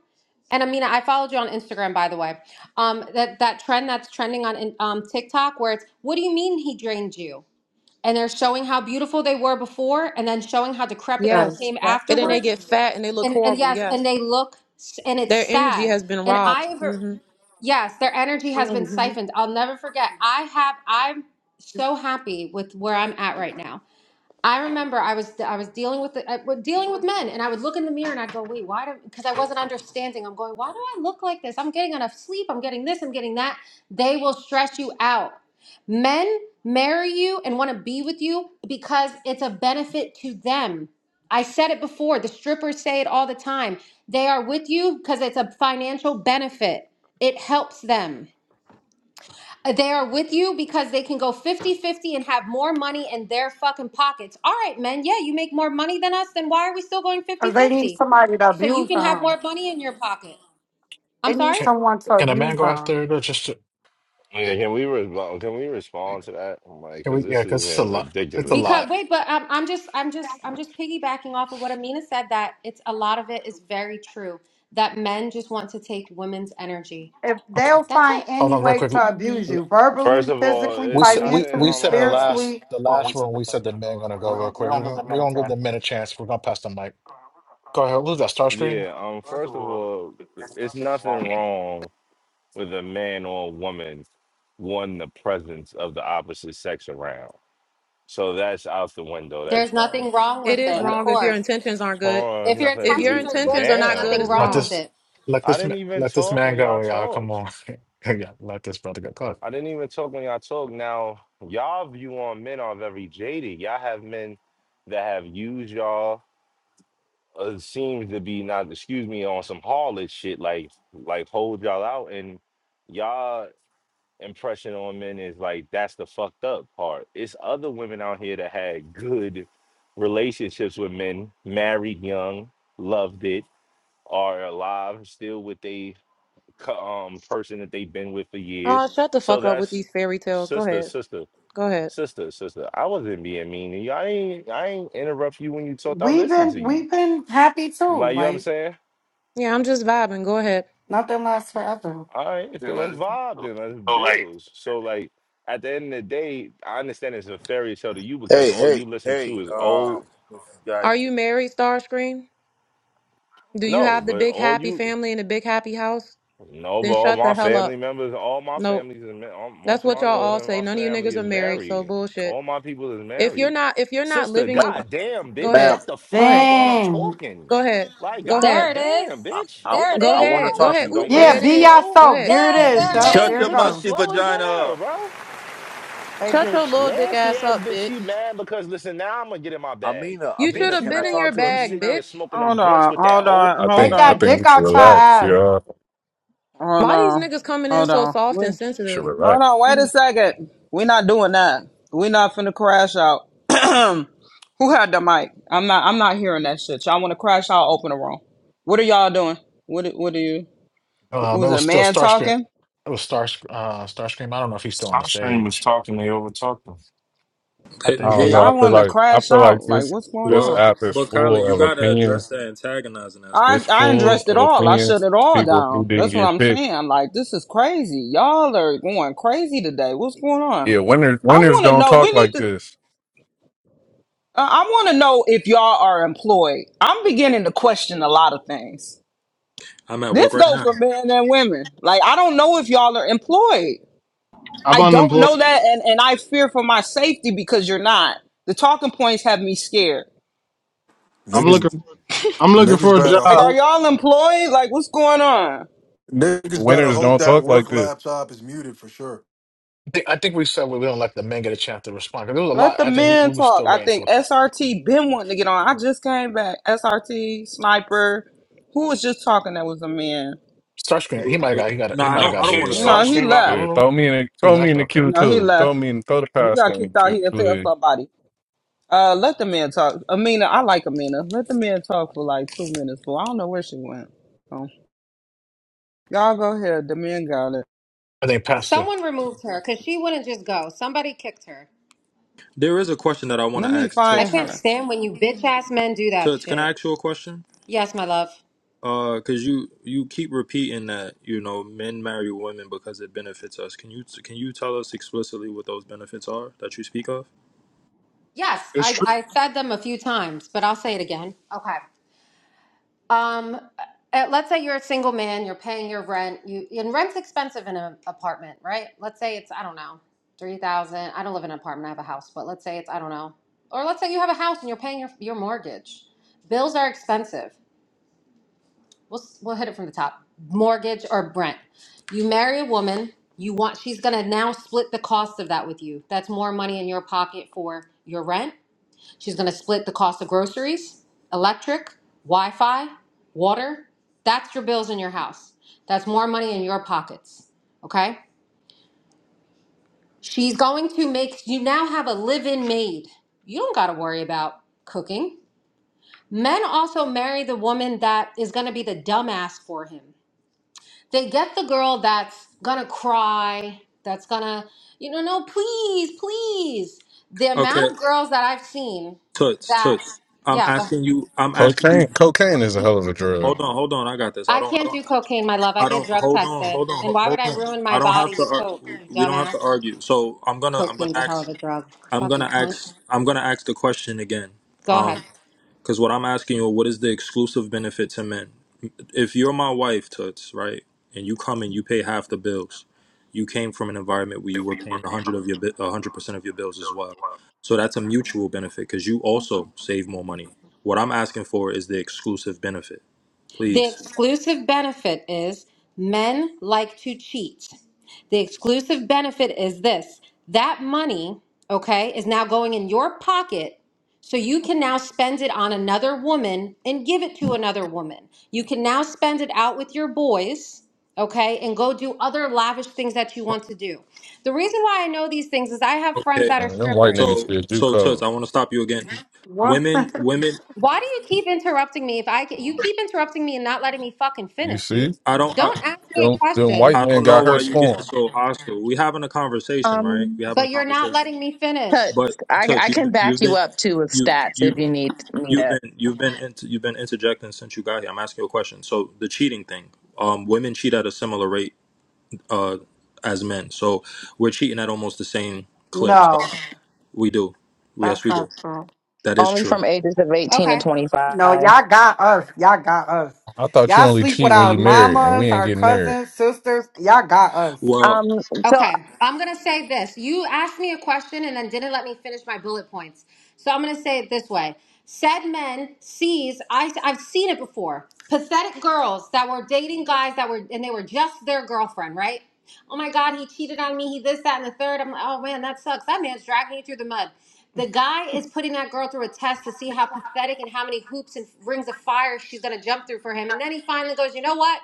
Speaker 10: And Amina, I followed you on Instagram, by the way. Um, that that trend that's trending on in- um, TikTok, where it's, what do you mean he drained you? And they're showing how beautiful they were before, and then showing how decrepit they
Speaker 16: Yeah,
Speaker 11: Yes.
Speaker 10: came
Speaker 16: that's
Speaker 11: And then they
Speaker 16: true.
Speaker 10: afterwards.
Speaker 11: get fat and they look
Speaker 10: And and
Speaker 11: horrible.
Speaker 10: yes, and
Speaker 11: Yes.
Speaker 10: they look, s- and
Speaker 11: Their
Speaker 10: it's
Speaker 11: energy
Speaker 10: sad.
Speaker 11: has been
Speaker 10: And I
Speaker 11: robbed.
Speaker 10: have
Speaker 11: hmm
Speaker 10: Yes, their energy has been
Speaker 16: Because
Speaker 10: siphoned. I'll never forget. I have I'm so happy with where I'm at right now. I remember I was I was dealing with the, I, was dealing with men, and I would look in the mirror and I'd go, "Wait, why?" do?" Because I wasn't understanding. I'm going, "Why do I look like this? I'm getting enough sleep. I'm getting this. I'm getting that." They will stress you out. Men marry you and want to be with you because it's a benefit to them. I said it before. The strippers say it all the time. They are with you because it's a financial benefit. It helps them. They are with you because they can go fifty-fifty and have more money in their fucking pockets. All right, men. Yeah, you make more money than us. Then why are we still going
Speaker 16: they need
Speaker 10: fifty-fifty?
Speaker 16: somebody to
Speaker 10: So you
Speaker 16: abuse
Speaker 10: can have
Speaker 16: them.
Speaker 10: more money in your pocket. I'm
Speaker 16: They need
Speaker 10: sorry?
Speaker 2: Can
Speaker 16: someone to
Speaker 2: can a man
Speaker 16: abuse
Speaker 2: go
Speaker 16: them.
Speaker 2: after it or just
Speaker 15: Yeah, can we re- can we respond to that? Like,
Speaker 2: can
Speaker 15: because
Speaker 2: we? Yeah,
Speaker 15: this
Speaker 2: because
Speaker 15: is
Speaker 2: it's a
Speaker 15: in
Speaker 2: lot. It's a
Speaker 15: ridiculous.
Speaker 10: Because
Speaker 2: lot.
Speaker 10: wait, but um, I'm just, I'm just, I'm just piggybacking off of what Amina said. That it's a lot of it is very true. That men just want to take women's energy.
Speaker 16: If
Speaker 2: Okay,
Speaker 16: they'll
Speaker 10: That's
Speaker 16: find
Speaker 10: it.
Speaker 2: hold
Speaker 16: any
Speaker 2: on, real
Speaker 16: way to
Speaker 11: hmm
Speaker 2: quick.
Speaker 16: abuse you,
Speaker 15: First
Speaker 16: verbally,
Speaker 15: of all,
Speaker 16: physically,
Speaker 2: We
Speaker 15: it's
Speaker 2: said we
Speaker 15: nothing.
Speaker 2: we
Speaker 16: financially,
Speaker 15: Hold
Speaker 2: said in
Speaker 15: on,
Speaker 2: the
Speaker 15: hold
Speaker 2: last
Speaker 16: spiritually,
Speaker 2: the last room we said the man gonna go real quick. We're gonna we're gonna give the men a chance. We're gonna pass the mic. Go ahead. Who's that?
Speaker 15: on.
Speaker 2: Starscream?
Speaker 15: Yeah. Um. First of all, it's nothing wrong with a man or a woman wanting the presence of the opposite sex around. So that's out the window. That's
Speaker 10: There's
Speaker 15: dumb.
Speaker 10: nothing wrong
Speaker 11: It
Speaker 10: with
Speaker 11: is
Speaker 10: it,
Speaker 15: An-
Speaker 10: of
Speaker 11: wrong if your
Speaker 10: course.
Speaker 11: intentions aren't good.
Speaker 15: hold
Speaker 10: If
Speaker 15: on.
Speaker 10: your
Speaker 11: If
Speaker 15: Nothing. Let
Speaker 11: your
Speaker 10: intentions
Speaker 15: me.
Speaker 10: are good,
Speaker 11: intentions are
Speaker 10: there's
Speaker 11: not good,
Speaker 10: nothing
Speaker 11: it's
Speaker 15: Damn.
Speaker 2: Let
Speaker 10: wrong
Speaker 11: wrong.
Speaker 10: with
Speaker 2: this
Speaker 10: it.
Speaker 2: let
Speaker 15: I
Speaker 2: this
Speaker 15: didn't
Speaker 2: ma-
Speaker 15: even
Speaker 2: let this
Speaker 15: talk
Speaker 2: man
Speaker 15: when
Speaker 2: go,
Speaker 15: y'all
Speaker 2: y'all. Come
Speaker 15: talked.
Speaker 2: on. [laughs] yeah, let this brother go. Go ahead.
Speaker 15: I didn't even talk when y'all talk. Now, y'all view on men are very jaded. Y'all have men that have used y'all. Uh, seems to be not, excuse me, on some harlot shit. Like, like hold y'all out, and y'all impression on men is like that's the fucked up part. It's other women out here that had good relationships with men, married young, loved it, are alive, still with they co- um person that they've been with for
Speaker 11: Oh,
Speaker 15: years.
Speaker 11: shut the
Speaker 15: So
Speaker 11: fuck up with
Speaker 15: that's
Speaker 11: these fairy tales. Go
Speaker 15: sister,
Speaker 11: ahead.
Speaker 15: sister,
Speaker 11: Go ahead.
Speaker 15: sister, sister. I wasn't being mean. to you. I ain't I ain't interrupt you when you talked. I
Speaker 16: we've
Speaker 15: listened
Speaker 16: been
Speaker 15: to you.
Speaker 16: we've been happy too.
Speaker 15: Like you know what I'm
Speaker 16: Like
Speaker 15: saying?
Speaker 11: Yeah, I'm just vibing. Go ahead.
Speaker 16: nothing lasts forever.
Speaker 15: All right, so let's vibe then. Let's build. So like at the end of the day, I understand it's a fairy tale to you because
Speaker 18: Hey,
Speaker 15: all you
Speaker 18: hey,
Speaker 15: listen
Speaker 18: hey,
Speaker 15: to is
Speaker 18: um,
Speaker 15: old.
Speaker 18: this guy,
Speaker 11: Are you married, Starscream? Do you
Speaker 15: No,
Speaker 11: have the
Speaker 15: but
Speaker 11: big
Speaker 15: all
Speaker 11: happy
Speaker 15: you
Speaker 11: family and the big happy house?
Speaker 15: No, but
Speaker 11: Then
Speaker 15: all
Speaker 11: shut the
Speaker 15: my
Speaker 11: hell
Speaker 15: family
Speaker 11: up.
Speaker 15: members, all my
Speaker 11: Nope.
Speaker 15: families, is ma- all,
Speaker 11: That's
Speaker 15: most of my
Speaker 11: what y'all all
Speaker 15: niggas in
Speaker 11: say.
Speaker 15: my
Speaker 11: None of you
Speaker 15: family
Speaker 11: niggas are
Speaker 15: is
Speaker 11: married, so
Speaker 15: married.
Speaker 11: bullshit.
Speaker 15: All my people is
Speaker 11: If you're
Speaker 15: married.
Speaker 11: not if you're not
Speaker 15: Sister,
Speaker 11: living
Speaker 18: ma'am,
Speaker 11: the
Speaker 15: goddamn,
Speaker 11: go
Speaker 15: bitch,
Speaker 18: ma'am,
Speaker 11: ahead.
Speaker 15: shut the
Speaker 11: Go
Speaker 15: fuck up
Speaker 11: ahead.
Speaker 15: while I'm
Speaker 16: Dang.
Speaker 15: talking.
Speaker 11: Go ahead.
Speaker 15: Like,
Speaker 11: Go ahead.
Speaker 10: There it is.
Speaker 15: goddamn,
Speaker 18: I,
Speaker 15: bitch,
Speaker 18: I,
Speaker 15: what
Speaker 10: There
Speaker 15: the
Speaker 10: it
Speaker 11: Go
Speaker 15: fuck
Speaker 18: I
Speaker 15: is
Speaker 10: is.
Speaker 18: want to
Speaker 11: ahead.
Speaker 15: wrong
Speaker 11: Go
Speaker 15: with
Speaker 18: talk
Speaker 11: ahead.
Speaker 18: to
Speaker 15: you?
Speaker 18: the
Speaker 11: Oop,
Speaker 15: Like, are
Speaker 11: there
Speaker 16: Yeah,
Speaker 15: you
Speaker 11: it
Speaker 18: women.
Speaker 16: be
Speaker 11: is.
Speaker 15: slow?
Speaker 11: Go
Speaker 16: yourself.
Speaker 11: ahead.
Speaker 16: There it
Speaker 10: Yay,
Speaker 16: is.
Speaker 10: there
Speaker 16: Yup.
Speaker 15: Like,
Speaker 10: it
Speaker 19: Shut
Speaker 15: this
Speaker 16: There
Speaker 19: your
Speaker 16: it
Speaker 15: bitch
Speaker 10: is.
Speaker 15: is
Speaker 16: goes.
Speaker 19: musky
Speaker 15: slow as
Speaker 19: vagina
Speaker 15: hell,
Speaker 19: up.
Speaker 15: bro.
Speaker 16: Hey,
Speaker 11: Shut your
Speaker 16: bitch.
Speaker 11: little dick
Speaker 15: Nasty
Speaker 11: ass
Speaker 15: ass
Speaker 11: up,
Speaker 15: bitch,
Speaker 11: bitch.
Speaker 15: she mad because listen, now I'm gonna get in my bag.
Speaker 18: Amina,
Speaker 11: You should
Speaker 18: Amina,
Speaker 15: Bitch,
Speaker 11: have
Speaker 15: you
Speaker 18: can I
Speaker 11: been in
Speaker 15: mad
Speaker 11: your
Speaker 18: talk to
Speaker 15: because you
Speaker 11: bag,
Speaker 15: sitting
Speaker 18: Amina?
Speaker 15: there
Speaker 11: bitch.
Speaker 15: smoking them
Speaker 9: Hold
Speaker 15: blunts
Speaker 9: on.
Speaker 15: with that
Speaker 9: Hold
Speaker 15: old.
Speaker 9: on.
Speaker 20: I
Speaker 9: Hold
Speaker 16: Take
Speaker 20: think I
Speaker 9: on.
Speaker 16: that
Speaker 20: think we
Speaker 16: dick
Speaker 20: should
Speaker 16: out your
Speaker 20: relax,
Speaker 16: ass.
Speaker 20: yeah.
Speaker 9: Hold
Speaker 11: Why these
Speaker 9: on.
Speaker 11: niggas coming in
Speaker 9: Hold
Speaker 11: so
Speaker 9: on.
Speaker 11: soft
Speaker 9: We,
Speaker 11: and
Speaker 20: We should
Speaker 11: sensitive?
Speaker 9: hold
Speaker 20: relax.
Speaker 9: on. Wait a second. We're not doing that. We're not finna crash out. [clears throat] Who had the mic? I'm not. I'm not hearing that shit. Y'all want to crash out? Open the room. What are y'all doing? What? What are you?
Speaker 2: Um, it
Speaker 9: Was it
Speaker 2: was
Speaker 9: a
Speaker 2: still
Speaker 9: man
Speaker 2: Starscream.
Speaker 9: talking?
Speaker 2: It was Star uh Starscream. I don't know if he's still on the
Speaker 21: Starscream was
Speaker 2: stage.
Speaker 21: talking, they overtalked him.
Speaker 2: I
Speaker 20: I
Speaker 5: Couldn't
Speaker 2: think
Speaker 9: Yeah,
Speaker 2: he,
Speaker 20: don't
Speaker 5: get
Speaker 20: know. I
Speaker 9: y'all
Speaker 5: it.
Speaker 20: feel
Speaker 9: wanting to
Speaker 20: like I
Speaker 9: crash
Speaker 20: feel
Speaker 9: out?
Speaker 20: like
Speaker 9: Like,
Speaker 20: this
Speaker 9: what's going
Speaker 20: this
Speaker 5: Well,
Speaker 9: on?
Speaker 20: app is
Speaker 5: but Kyler,
Speaker 20: full
Speaker 5: you
Speaker 20: of
Speaker 5: gotta address
Speaker 20: opinions.
Speaker 5: that antagonizing that's going
Speaker 9: I
Speaker 5: on.
Speaker 20: This
Speaker 9: I
Speaker 20: full
Speaker 9: undressed it
Speaker 20: of
Speaker 9: all. I shut
Speaker 20: opinions.
Speaker 9: it all
Speaker 20: People who
Speaker 9: down.
Speaker 20: didn't
Speaker 9: That's what
Speaker 20: get
Speaker 9: I'm
Speaker 20: picked.
Speaker 9: saying. Like, this is crazy. Y'all are going crazy today. What's going on?
Speaker 20: Yeah, winners
Speaker 9: I
Speaker 20: winners
Speaker 9: want to
Speaker 20: don't
Speaker 9: know. We
Speaker 20: talk
Speaker 9: need
Speaker 20: like
Speaker 9: to.
Speaker 20: this.
Speaker 9: Uh, I want to know if y'all are employed. I'm beginning to question a lot of things.
Speaker 5: I'm at
Speaker 9: This
Speaker 5: work right
Speaker 9: goes
Speaker 5: now.
Speaker 9: for men and women. Like I don't know if y'all are employed.
Speaker 13: I'm
Speaker 9: I don't
Speaker 13: unemployed.
Speaker 9: know that, and and I fear for my safety because you're not. The talking points have me scared.
Speaker 13: I'm looking.
Speaker 22: Niggas,
Speaker 13: I'm looking
Speaker 22: niggas
Speaker 13: for a
Speaker 22: better
Speaker 9: Like,
Speaker 13: job.
Speaker 9: are
Speaker 22: hope.
Speaker 9: y'all employed? Like, what's going on?
Speaker 22: Niggas better
Speaker 20: Winners
Speaker 22: hope
Speaker 20: don't
Speaker 22: that
Speaker 20: talk
Speaker 22: work
Speaker 20: like this.
Speaker 22: laptop is muted for sure.
Speaker 2: I think I think we said we don't let the men get a chance to respond because there was a
Speaker 9: Let
Speaker 2: lot.
Speaker 9: the
Speaker 2: I think we,
Speaker 9: men
Speaker 2: we were
Speaker 9: talk.
Speaker 2: still
Speaker 9: I
Speaker 2: waiting
Speaker 9: think
Speaker 2: for
Speaker 9: SRT been wanting to get on. I just came back. SRT sniper. Who was just talking? That was a man.
Speaker 2: Starscream. He might have got he got
Speaker 5: No,
Speaker 2: he
Speaker 5: I
Speaker 2: might have
Speaker 21: Y'all
Speaker 5: don't. I
Speaker 2: got
Speaker 5: don't
Speaker 2: booted
Speaker 21: kicked
Speaker 5: want to
Speaker 2: or he,
Speaker 5: talk.
Speaker 9: No,
Speaker 5: I'm
Speaker 9: he
Speaker 21: Starscream
Speaker 5: good.
Speaker 21: out the
Speaker 9: left.
Speaker 20: Yeah,
Speaker 21: room?
Speaker 20: throw me in the
Speaker 2: he
Speaker 20: throw me
Speaker 2: left.
Speaker 20: in the
Speaker 2: Okay,
Speaker 20: queue
Speaker 9: No, he
Speaker 20: too. Throw
Speaker 9: left.
Speaker 20: me in throw the
Speaker 9: He
Speaker 20: pasta
Speaker 9: got
Speaker 20: in the
Speaker 9: kicked out.
Speaker 20: queue,
Speaker 9: He'll tell
Speaker 20: please.
Speaker 9: somebody. Uh, let the man talk. Amina, I like Amina. Let the man talk for like two minutes, but I don't know where she went. So, y'all go ahead. The man got it.
Speaker 2: I think Pastor.
Speaker 10: Someone removed her because she wouldn't just go. Somebody kicked her.
Speaker 5: There is a question that I want
Speaker 9: Let
Speaker 5: to
Speaker 9: me
Speaker 5: ask
Speaker 10: I
Speaker 9: find
Speaker 5: Toots though.
Speaker 10: can't
Speaker 9: her.
Speaker 10: stand when you bitch ass men do that
Speaker 5: Toots, can I
Speaker 10: shit.
Speaker 5: ask you a question?
Speaker 10: Yes, my love.
Speaker 5: Uh, cause you you keep repeating that you know men marry women because it benefits us. Can you can you tell us explicitly what those benefits are that you speak of?
Speaker 10: Yes,
Speaker 13: It's true.
Speaker 10: I I said them a few times, but I'll say it again. Okay. Um, uh, uh, let's say you're a single man. You're paying your rent. You and rent's expensive in an apartment, right? Let's say it's I don't know three thousand. I don't live in an apartment. I have a house, but let's say it's I don't know. Or let's say you have a house and you're paying your your mortgage. Bills are expensive. we'll, we'll hit it from the top mortgage or Brent. You marry a woman, you want, she's gonna now split the cost of that with you. That's more money in your pocket for your rent. She's gonna split the cost of groceries, electric, Wi Fi, water. That's your bills in your house. That's more money in your pockets. Okay? She's going to make, you now have a live in maid. You don't gotta worry about cooking. Men also marry the woman that is gonna be the dumbass for him. They get the girl that's gonna cry, that's gonna, you know, no, please, please. The
Speaker 5: Okay,
Speaker 10: amount of girls that I've seen
Speaker 5: Toots,
Speaker 10: that,
Speaker 5: Toots. I'm
Speaker 10: yeah, go ahead.
Speaker 5: asking you. I'm asking you.
Speaker 20: Cocaine cocaine is a hell of a
Speaker 5: Hold
Speaker 20: drug.
Speaker 5: on, hold on. I got this. I
Speaker 10: I
Speaker 5: don't. I
Speaker 10: can't do
Speaker 5: don't.
Speaker 10: cocaine, my love. I
Speaker 5: I
Speaker 10: get
Speaker 5: don't.
Speaker 10: drug
Speaker 5: Hold on,
Speaker 10: tested.
Speaker 5: hold on,
Speaker 10: And
Speaker 5: ho-
Speaker 10: why would
Speaker 5: hold
Speaker 10: I
Speaker 5: on.
Speaker 10: ruin my
Speaker 5: I don't have
Speaker 10: body
Speaker 5: to.
Speaker 10: with coke,
Speaker 5: Ar-
Speaker 10: you
Speaker 5: we don't have
Speaker 10: dumbass?
Speaker 5: to argue. So I'm gonna. I'm gonna
Speaker 10: Cocaine's a
Speaker 5: ask.
Speaker 10: hell of a drug.
Speaker 5: I'm gonna
Speaker 10: Fucking cunt.
Speaker 5: ask. I'm gonna ask the question again.
Speaker 10: Go
Speaker 5: Um,
Speaker 10: ahead.
Speaker 5: because what I'm asking you, what is the exclusive benefit to men? If you're my wife, Toots, right, and you come and you pay half the bills, you came from an environment where you were paying a hundred of your a hundred percent of your bills as well. So that's a mutual benefit because you also save more money. What I'm asking for is the exclusive benefit,
Speaker 10: The
Speaker 5: please.
Speaker 10: exclusive benefit is men like to cheat. The exclusive benefit is this that money, okay, is now going in your pocket. So you can now spend it on another woman and give it to another woman. You can now spend it out with your boys, okay, and go do other lavish things that you want to do. The reason why I know these things is I have friends
Speaker 5: Okay.
Speaker 10: that are
Speaker 20: Uh, them white
Speaker 10: strippers.
Speaker 20: niggas
Speaker 5: So,
Speaker 20: did you
Speaker 5: so Toots,
Speaker 20: code.
Speaker 5: I want to stop you again.
Speaker 16: What?
Speaker 5: Women,
Speaker 16: [laughs]
Speaker 5: women.
Speaker 10: Why do you keep interrupting me? If I ca- you keep interrupting me and not letting me fucking
Speaker 20: You
Speaker 10: finish,
Speaker 20: see?
Speaker 10: dude.
Speaker 5: I don't.
Speaker 10: Don't ask me a
Speaker 20: Them them
Speaker 10: question,
Speaker 20: white
Speaker 5: I
Speaker 20: men
Speaker 5: don't know
Speaker 20: got her
Speaker 5: why you're getting
Speaker 20: scorn.
Speaker 5: so hostile. We having a conversation, right?
Speaker 12: Um,
Speaker 5: We having a
Speaker 10: but you're not
Speaker 5: conversation.
Speaker 10: letting me
Speaker 12: but
Speaker 10: finish.
Speaker 5: But
Speaker 12: I,
Speaker 5: touch,
Speaker 12: I can
Speaker 5: you
Speaker 12: back
Speaker 5: you've
Speaker 12: you
Speaker 5: been
Speaker 12: up too with
Speaker 5: you
Speaker 12: stats
Speaker 5: you
Speaker 12: if you need, need
Speaker 5: you've
Speaker 12: it.
Speaker 5: been you've been inter, you've been interjecting since you got here. I'm asking you a question. So the cheating thing, um, women cheat at a similar rate uh, as men. So we're cheating at almost the same clips.
Speaker 16: no.
Speaker 5: We do. We-
Speaker 16: That's
Speaker 5: Yes, we do.
Speaker 16: not true.
Speaker 5: That is
Speaker 12: Only
Speaker 5: true.
Speaker 12: from ages of 18 to
Speaker 10: Okay.
Speaker 12: 25.
Speaker 16: No, y'all got us. Y'all got us.
Speaker 20: I thought you
Speaker 16: Y'all
Speaker 20: only
Speaker 16: sleep with
Speaker 20: cheat when
Speaker 16: our
Speaker 20: you married, and we
Speaker 16: mamas,
Speaker 20: ain't
Speaker 16: our
Speaker 20: getting married.
Speaker 16: cousins, sisters. Y'all got us.
Speaker 5: Well,
Speaker 12: Um, so,
Speaker 10: Okay, I'm gonna say this. You asked me a question and then didn't let me finish my bullet points. So I'm gonna say it this way. Said men sees I I've seen it before. Pathetic girls that were dating guys that were and they were just their girlfriend, right? Oh my god, he cheated on me, he this, that, and the third. I'm like, oh man, that sucks. That man's dragging you through the mud. The guy is putting that girl through a test to see how pathetic and how many hoops and rings of fire she's gonna jump through for him. And then he finally goes, you know what?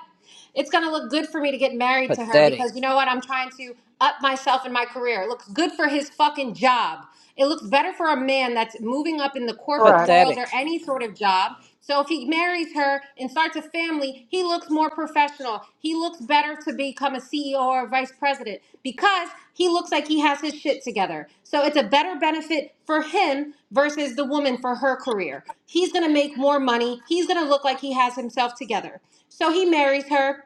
Speaker 10: It's going to look good for me to get married to her
Speaker 23: Pathetic.
Speaker 10: because you know what? I'm trying to up myself in my career. It looks good for his fucking job. It looks better for a man that's moving up in the corporate
Speaker 16: Correct.
Speaker 10: world
Speaker 23: Pathetic.
Speaker 10: or any sort of job. So if he marries her and starts a family, he looks more professional professional. He looks better to become a CEO or a vice president because he looks like he has his shit together. So it's a better benefit for him versus the woman for her career. He's gonna make more money. He's gonna look like he has himself together. So he marries her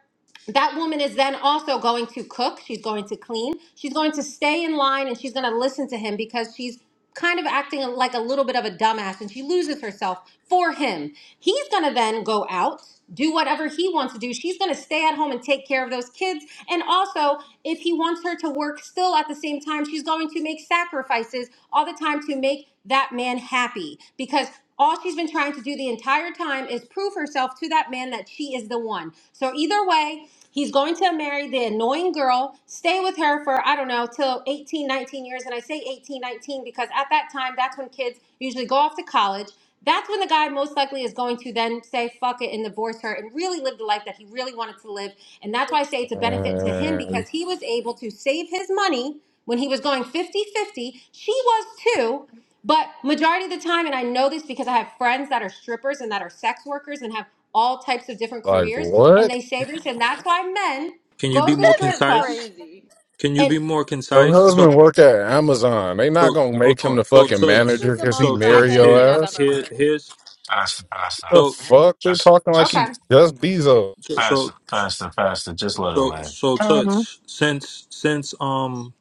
Speaker 10: that woman is then also going to cook she's going to clean she's going to stay in line and she's going to listen to him because she's kind of acting like a little bit of a dumbass and she loses herself for him he's going to then go out do whatever he wants to do she's going to stay at home and take care of those kids and also if he wants her to work still at the same time she's going to make make sacrifices all the time to make that man happy because all she's been trying to do the entire time is prove herself to that man that she is the one. So either way, he's going to marry the annoying girl, stay with her for I don't know till 18, 19 years and I say 18, 19 because at that time that's when kids usually go off to college. That's when the guy most likely is going to then say fuck it and divorce her and really live the life that he really wanted to live. And that's why I say it's a benefit to him
Speaker 20: And
Speaker 10: because he was able to save his money when he was going fifty fifty, she was too but majority of the time and i know this because i have friends that are strippers and that are sex workers and have all types of different
Speaker 20: like
Speaker 10: careers and
Speaker 20: what?
Speaker 10: they say this and that's why men
Speaker 5: can you
Speaker 10: go
Speaker 5: be
Speaker 10: to the
Speaker 5: more
Speaker 24: This
Speaker 10: strip
Speaker 24: is
Speaker 10: club
Speaker 5: concise?
Speaker 24: crazy.
Speaker 5: Can you
Speaker 10: and
Speaker 5: be more
Speaker 20: Your
Speaker 5: concise? So
Speaker 20: husband work at Amazon. They not
Speaker 5: so
Speaker 20: gonna
Speaker 5: hold
Speaker 20: make
Speaker 5: on.
Speaker 20: him the
Speaker 5: So
Speaker 20: fucking
Speaker 24: This
Speaker 5: toots.
Speaker 24: is
Speaker 20: manager
Speaker 24: the
Speaker 20: because he
Speaker 24: most
Speaker 5: So
Speaker 20: marry
Speaker 5: toots.
Speaker 24: crackheaded
Speaker 5: Here
Speaker 24: thing I've
Speaker 20: your ass.
Speaker 24: ever
Speaker 5: here
Speaker 24: heard.
Speaker 5: here's
Speaker 21: Pass it, pass it.
Speaker 20: The
Speaker 5: so
Speaker 20: fuck? They're
Speaker 21: Just,
Speaker 20: talking like
Speaker 21: just
Speaker 20: he
Speaker 10: okay
Speaker 20: just Bezos.
Speaker 21: pass it,
Speaker 5: So
Speaker 21: pass it, pass it. Just let it
Speaker 5: so
Speaker 21: land.
Speaker 5: so
Speaker 12: um,
Speaker 5: touch since since um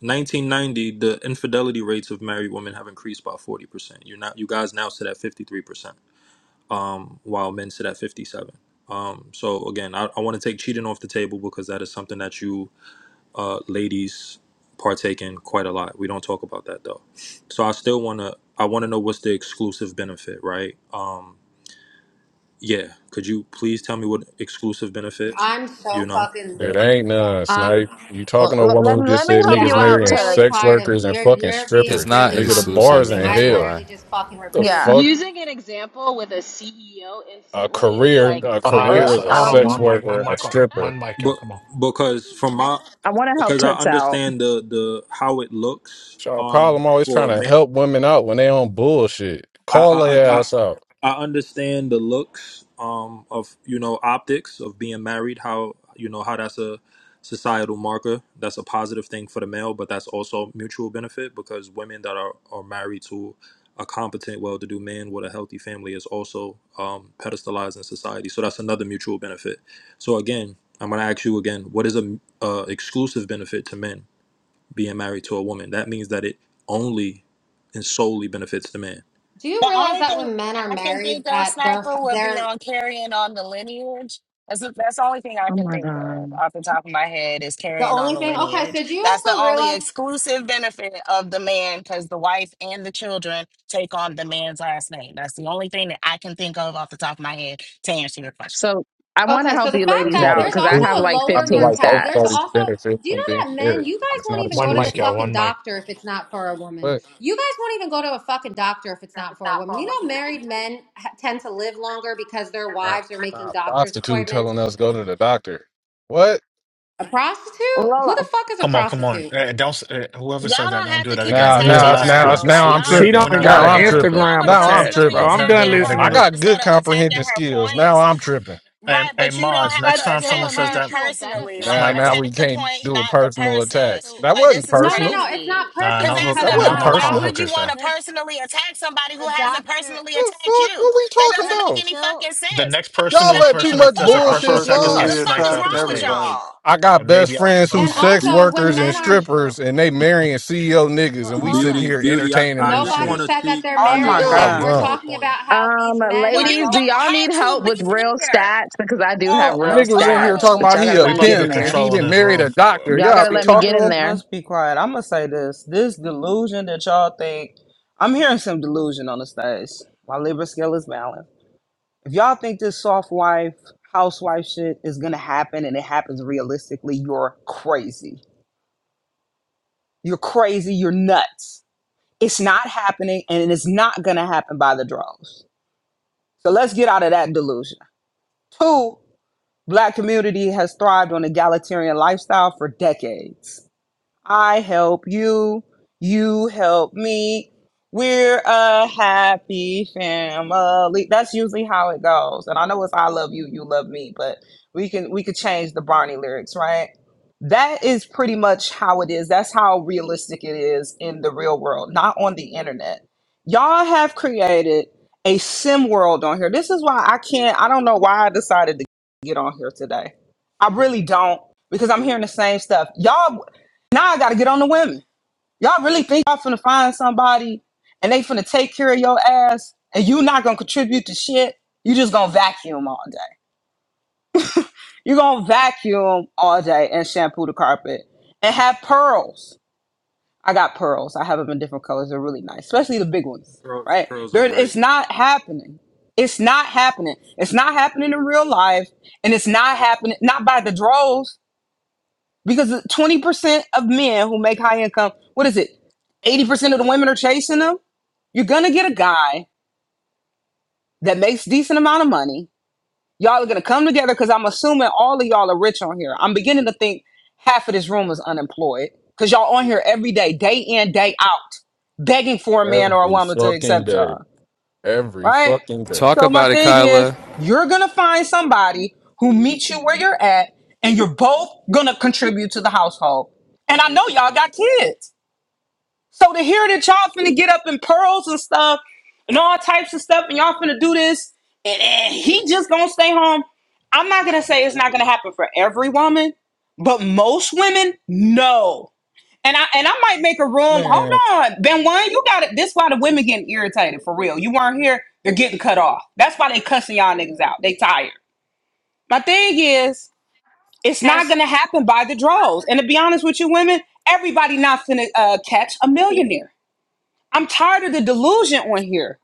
Speaker 5: 1990 the infidelity rates of married women have increased by 40%. You're not you guys now sit at 53%. Um while men sit at 57. Um so again, I, I want to take cheating off the table because that is something that you uh ladies partake in quite a lot. We don't talk about that though. So I still want to I want to know what's the exclusive benefit, right? Um yeah, could you please tell me what exclusive benefit,
Speaker 10: i'm
Speaker 5: you
Speaker 10: so
Speaker 5: know?
Speaker 10: fucking
Speaker 20: It ain't none,
Speaker 10: um
Speaker 20: snipe. You
Speaker 12: l-
Speaker 20: talking to a
Speaker 12: l-
Speaker 20: woman
Speaker 12: let,
Speaker 20: who just
Speaker 12: let me
Speaker 20: said
Speaker 12: help
Speaker 10: yeah
Speaker 20: niggas
Speaker 12: you
Speaker 10: i'm
Speaker 12: out,
Speaker 20: marrying
Speaker 12: Tut.
Speaker 10: really
Speaker 20: sex
Speaker 10: tired of
Speaker 20: workers and
Speaker 10: you're
Speaker 20: fucking
Speaker 10: you're
Speaker 25: It's
Speaker 10: being
Speaker 20: strippers.
Speaker 25: not
Speaker 10: really
Speaker 20: Nigga, the bars
Speaker 25: exclusive.
Speaker 20: in
Speaker 10: condescending i
Speaker 25: That's
Speaker 20: hell.
Speaker 10: literally
Speaker 25: why.
Speaker 10: just fucking
Speaker 20: The
Speaker 10: repeated
Speaker 12: Yeah.
Speaker 20: fuck?
Speaker 24: Using an example with a CEO
Speaker 20: A
Speaker 24: instantly is
Speaker 20: career,
Speaker 24: like,
Speaker 20: a
Speaker 2: Hold on, I
Speaker 24: like
Speaker 2: hear.
Speaker 12: Uh,
Speaker 20: career
Speaker 24: what
Speaker 20: as
Speaker 2: Some,
Speaker 20: a
Speaker 2: hold
Speaker 24: the
Speaker 2: on,
Speaker 24: fuck?
Speaker 20: sex
Speaker 12: um,
Speaker 2: one mic, one
Speaker 20: worker, a
Speaker 24: [laughs]
Speaker 2: mic,
Speaker 20: stripper.
Speaker 2: one mic, y'all.
Speaker 5: But
Speaker 2: Come on,
Speaker 5: because from
Speaker 24: Delusions.
Speaker 5: my
Speaker 12: I want to help
Speaker 5: because I
Speaker 12: Tuts out.
Speaker 5: understand the the how it looks
Speaker 20: It's Y'all
Speaker 5: um
Speaker 20: problem always
Speaker 5: for
Speaker 20: trying
Speaker 5: a
Speaker 20: to
Speaker 5: man
Speaker 20: help women out when they on bullshit.
Speaker 5: I
Speaker 20: Call
Speaker 5: I, I
Speaker 20: their
Speaker 5: I
Speaker 20: ass out.
Speaker 5: I understand the looks um of you know optics of being married. How you know how that's a societal marker. That's a positive thing for the male, but that's also mutual benefit because women that are are married to a competent, well-to-do man with a healthy family is also um, pedestalized in society. So that's another mutual benefit. So again, I'm gonna ask you again: What is a uh, exclusive benefit to men being married to a woman? That means that it only and solely benefits the man.
Speaker 10: do you
Speaker 8: The
Speaker 10: realize
Speaker 8: only
Speaker 10: that
Speaker 8: thing
Speaker 10: when men are
Speaker 8: I can
Speaker 10: married
Speaker 8: think of,
Speaker 10: that they're
Speaker 8: Sniper, would be
Speaker 10: they're
Speaker 8: on carrying on the lineage. That's the, that's the only thing I
Speaker 12: Oh
Speaker 8: can
Speaker 12: my
Speaker 8: think of
Speaker 12: God.
Speaker 8: off the top of my head is
Speaker 10: the
Speaker 8: carrying on
Speaker 10: only
Speaker 8: the
Speaker 10: thing okay
Speaker 8: lineage.
Speaker 10: so do you
Speaker 8: That's the
Speaker 10: also
Speaker 8: only
Speaker 10: realize
Speaker 8: exclusive benefit of the man because the wife and the children take on the man's last name. That's the only thing that I can think of off the top of my head to answer your question.
Speaker 12: So I want to
Speaker 10: Okay, so
Speaker 12: help
Speaker 10: the
Speaker 12: you
Speaker 10: fact
Speaker 20: It's
Speaker 12: ladies
Speaker 10: that
Speaker 20: not
Speaker 12: out
Speaker 10: there's
Speaker 12: because I
Speaker 10: also
Speaker 12: have
Speaker 10: a
Speaker 20: exclusive.
Speaker 12: like
Speaker 20: I
Speaker 10: lower
Speaker 20: feel
Speaker 12: 15
Speaker 20: like
Speaker 10: mortality,
Speaker 20: both
Speaker 10: there's
Speaker 12: stats.
Speaker 20: parties
Speaker 10: also,
Speaker 20: benefit
Speaker 10: do you
Speaker 20: from being
Speaker 10: know that men,
Speaker 20: married.
Speaker 10: you guys
Speaker 20: It's
Speaker 10: won't
Speaker 20: not
Speaker 10: even go
Speaker 2: one
Speaker 10: to the
Speaker 2: mic,
Speaker 20: exclusive.
Speaker 2: y'all.
Speaker 10: fucking
Speaker 2: One mic.
Speaker 10: doctor if it's not for a woman.
Speaker 20: What?
Speaker 10: You guys won't even go to a fucking doctor if it's not for a woman. You know, married men ha- tend to live longer because their
Speaker 20: Uh,
Speaker 10: wives are making
Speaker 20: uh,
Speaker 10: doctor's
Speaker 20: prostitute
Speaker 10: appointments.
Speaker 20: telling us go to the doctor. What?
Speaker 10: A prostitute? Who
Speaker 12: Lola.
Speaker 10: the fuck is a
Speaker 2: Come on, come on.
Speaker 10: prostitute?
Speaker 2: Eh, don't. s- eh, whoever said
Speaker 8: Y'all
Speaker 2: that,
Speaker 8: don't
Speaker 2: don't
Speaker 8: have
Speaker 2: do
Speaker 8: to
Speaker 2: that
Speaker 8: keep
Speaker 2: again.
Speaker 20: Now,
Speaker 2: That's
Speaker 26: Yeah,
Speaker 2: the
Speaker 8: attacking
Speaker 20: now it's
Speaker 2: last
Speaker 8: her
Speaker 20: now it's
Speaker 8: though.
Speaker 2: time.
Speaker 8: Like
Speaker 20: now
Speaker 2: We
Speaker 20: I'm
Speaker 2: don't.
Speaker 8: y'all,
Speaker 26: she
Speaker 2: We're
Speaker 20: tripping.
Speaker 2: we're
Speaker 26: don't even
Speaker 2: not
Speaker 26: got
Speaker 20: Now
Speaker 2: going
Speaker 26: an
Speaker 8: y'all
Speaker 20: I'm
Speaker 2: that
Speaker 8: are
Speaker 2: way.
Speaker 20: tripping.
Speaker 8: y'all are
Speaker 26: Instagram
Speaker 20: Now I'm
Speaker 26: attached,
Speaker 8: personally
Speaker 26: bro.
Speaker 20: tripping.
Speaker 2: We're
Speaker 26: I'm
Speaker 2: not
Speaker 8: attacking
Speaker 26: done
Speaker 2: doing that
Speaker 8: her
Speaker 20: I
Speaker 26: listening
Speaker 2: again.
Speaker 26: to
Speaker 20: got good
Speaker 8: instead of attacking
Speaker 20: comprehension
Speaker 8: her
Speaker 20: skills. Now
Speaker 8: points.
Speaker 20: I'm tripping.
Speaker 2: Hey,
Speaker 8: Right,
Speaker 2: hey,
Speaker 8: but you don't
Speaker 2: Mods.
Speaker 8: have
Speaker 2: Next
Speaker 8: to
Speaker 24: That's
Speaker 2: time
Speaker 24: still
Speaker 2: someone
Speaker 24: a
Speaker 8: attack
Speaker 2: says
Speaker 8: her
Speaker 2: that,
Speaker 24: mutual
Speaker 8: personally.
Speaker 24: benefit,
Speaker 8: Like,
Speaker 20: Now,
Speaker 2: snipe
Speaker 20: now
Speaker 24: though.
Speaker 2: them.
Speaker 20: we
Speaker 8: attack the
Speaker 20: can't
Speaker 8: point,
Speaker 20: do a
Speaker 8: not the
Speaker 20: personal
Speaker 8: person.
Speaker 20: attacks.
Speaker 24: So,
Speaker 20: That
Speaker 8: Like,
Speaker 20: wasn't
Speaker 8: this is
Speaker 10: No, no,
Speaker 20: personal.
Speaker 10: no, it's
Speaker 8: crazy.
Speaker 10: not
Speaker 24: to
Speaker 2: Nah,
Speaker 8: Because
Speaker 10: personal
Speaker 2: no
Speaker 8: as an
Speaker 10: because
Speaker 2: hook.
Speaker 20: That
Speaker 10: I'm
Speaker 24: hold
Speaker 2: No,
Speaker 20: wasn't
Speaker 10: not a
Speaker 8: adult,
Speaker 2: no
Speaker 24: on.
Speaker 8: why
Speaker 2: calling
Speaker 20: personal.
Speaker 8: would you
Speaker 2: hookers
Speaker 10: prostitute.
Speaker 2: though.
Speaker 8: want to
Speaker 24: That's
Speaker 8: personally attack somebody who
Speaker 24: the
Speaker 8: hasn't
Speaker 24: doctor.
Speaker 8: personally
Speaker 20: The
Speaker 8: attacked
Speaker 20: fuck?
Speaker 8: you?
Speaker 20: What we
Speaker 8: That
Speaker 20: talking
Speaker 8: doesn't
Speaker 24: That's
Speaker 8: make
Speaker 20: about?
Speaker 8: any
Speaker 24: still
Speaker 8: fucking
Speaker 2: The
Speaker 8: sense.
Speaker 2: next
Speaker 8: Have some
Speaker 20: Y'all
Speaker 2: personal
Speaker 20: let too
Speaker 2: person
Speaker 8: goddamn
Speaker 20: much
Speaker 2: that says a
Speaker 22: I'm
Speaker 8: decorum.
Speaker 2: personal
Speaker 20: bullshit
Speaker 24: that,
Speaker 2: attack is
Speaker 20: slide.
Speaker 2: getting
Speaker 8: The
Speaker 22: personally
Speaker 8: fuck
Speaker 2: sniped
Speaker 8: is
Speaker 2: off
Speaker 22: attacking
Speaker 2: the
Speaker 8: wrong with
Speaker 22: everybody.
Speaker 2: stage,
Speaker 8: y'all?
Speaker 20: I got
Speaker 2: and
Speaker 20: best
Speaker 2: maybe out
Speaker 20: friends
Speaker 2: the
Speaker 20: who
Speaker 10: And
Speaker 2: room
Speaker 20: sex
Speaker 2: next.
Speaker 24: that's
Speaker 10: also, when
Speaker 20: workers
Speaker 24: still a
Speaker 20: and
Speaker 10: men are,
Speaker 20: strippers,
Speaker 24: mutual.
Speaker 20: and they marrying CEO niggas,
Speaker 24: ho-
Speaker 20: and we
Speaker 24: hold
Speaker 20: sitting
Speaker 24: on.
Speaker 5: Beauty,
Speaker 20: here
Speaker 5: beauty. I,
Speaker 20: entertaining
Speaker 5: I
Speaker 20: this
Speaker 5: just
Speaker 24: That
Speaker 5: want
Speaker 10: nobody
Speaker 20: shit.
Speaker 5: to
Speaker 10: said that
Speaker 5: speak.
Speaker 10: they're
Speaker 9: Oh
Speaker 5: I just
Speaker 9: my
Speaker 24: hello.
Speaker 10: marrying
Speaker 5: want to
Speaker 20: Y'all
Speaker 10: them.
Speaker 5: speak
Speaker 10: We're
Speaker 9: gosh.
Speaker 5: to
Speaker 20: dumb.
Speaker 5: her
Speaker 10: talking
Speaker 5: point.
Speaker 10: about how
Speaker 12: Um,
Speaker 10: these men
Speaker 8: Well,
Speaker 10: are
Speaker 8: you
Speaker 12: ladies, do
Speaker 10: going
Speaker 8: don't
Speaker 12: y'all
Speaker 8: have
Speaker 12: need
Speaker 8: to
Speaker 12: help
Speaker 8: be
Speaker 12: with real
Speaker 8: here.
Speaker 12: stats? Because I do have
Speaker 9: Oh,
Speaker 20: The
Speaker 8: The
Speaker 12: real
Speaker 20: nigga
Speaker 24: That's
Speaker 20: was in
Speaker 8: fuck?
Speaker 24: still
Speaker 20: here
Speaker 24: a
Speaker 12: stats,
Speaker 20: talking
Speaker 12: but
Speaker 20: about
Speaker 12: y'all
Speaker 24: mutual
Speaker 20: he
Speaker 12: gotta
Speaker 20: a
Speaker 2: We
Speaker 12: let me
Speaker 2: about to
Speaker 12: get in
Speaker 20: pimp
Speaker 2: get
Speaker 24: benefit.
Speaker 20: and
Speaker 12: there.
Speaker 20: he
Speaker 2: control in
Speaker 20: didn't
Speaker 2: this
Speaker 20: marry
Speaker 2: room.
Speaker 20: a doctor.
Speaker 2: What?
Speaker 12: Y'all
Speaker 20: Y'all
Speaker 2: Let's
Speaker 12: gotta
Speaker 20: be
Speaker 12: let
Speaker 2: get
Speaker 12: me
Speaker 9: okay.
Speaker 12: get
Speaker 20: talking to
Speaker 12: in
Speaker 20: him
Speaker 12: there.
Speaker 9: Let's be quiet. I'm gonna say this. This delusion that y'all think. I'm hearing some delusion on the stage. My Libra scale is balanced. If y'all think this soft wife, housewife shit is gonna happen and it happens realistically, you're crazy. You're crazy. You're nuts It's not happening and it's not going to happen by the droves. So let's get out of that delusion. Two, black community has thrived on egalitarian lifestyle for decades. I help you, you help me. We're a happy family. That's usually how it goes. And I know it's I love you, you love me, but we can we could change the Barney lyrics, right? That is pretty much how it is. That's how realistic it is in the real world, not on the internet. Y'all have created a sim world on here. This is why I can't I don't know why I decided to get on here today. I really don't because I'm hearing the same stuff. Y'all now I gotta get on the women. Y'all really think y'all finna find somebody and they finna take care of your ass and you not gonna contribute to shit? You just gonna vacuum all day. you gonna vacuum all day and shampoo the carpet and have pearls. I got pearls. I have them in different colors. They're really nice, especially the big ones,
Speaker 5: Pearls,
Speaker 9: right?
Speaker 5: pearls are
Speaker 9: There,
Speaker 5: great.
Speaker 9: it's not happening. It's not happening. It's not happening in real life and it's not happening, not by the droves. because 20% of men who make high income, what is it? 80% of the women are chasing them. You're going to get a guy that makes decent amount of money. Y'all are going to come together because I'm assuming all of y'all are rich on here. I'm beginning to think half of this room is unemployed because y'all on here every day, day in, day out, begging for a man or a
Speaker 20: every
Speaker 9: woman to
Speaker 20: fucking
Speaker 9: accept
Speaker 20: day,
Speaker 9: y'all
Speaker 20: every
Speaker 9: right?
Speaker 20: fucking day.
Speaker 25: Talk
Speaker 9: So my
Speaker 25: about it,
Speaker 9: thing is,
Speaker 25: Kyla.
Speaker 9: you're gonna find somebody who meets you where you're at, and you're both gonna contribute to the household. And I know y'all got kids, so to hear that y'all finna get up in pearls and stuff, and all types of stuff, and y'all finna do this, and, and he just gonna stay home. I'm not gonna say it's not gonna happen for every woman, but most women, no. And I and I might make a room. Hold
Speaker 20: Man,
Speaker 9: on, Ben One, you got it. This why the women getting irritated for real. You weren't here. They're getting cut off. That's why they cussing y'all niggas out. They tired. My thing is, it's not gonna happen by the draws. And to be honest with you, women, everybody not finna uh, catch a millionaire. I'm tired of the delusion on here.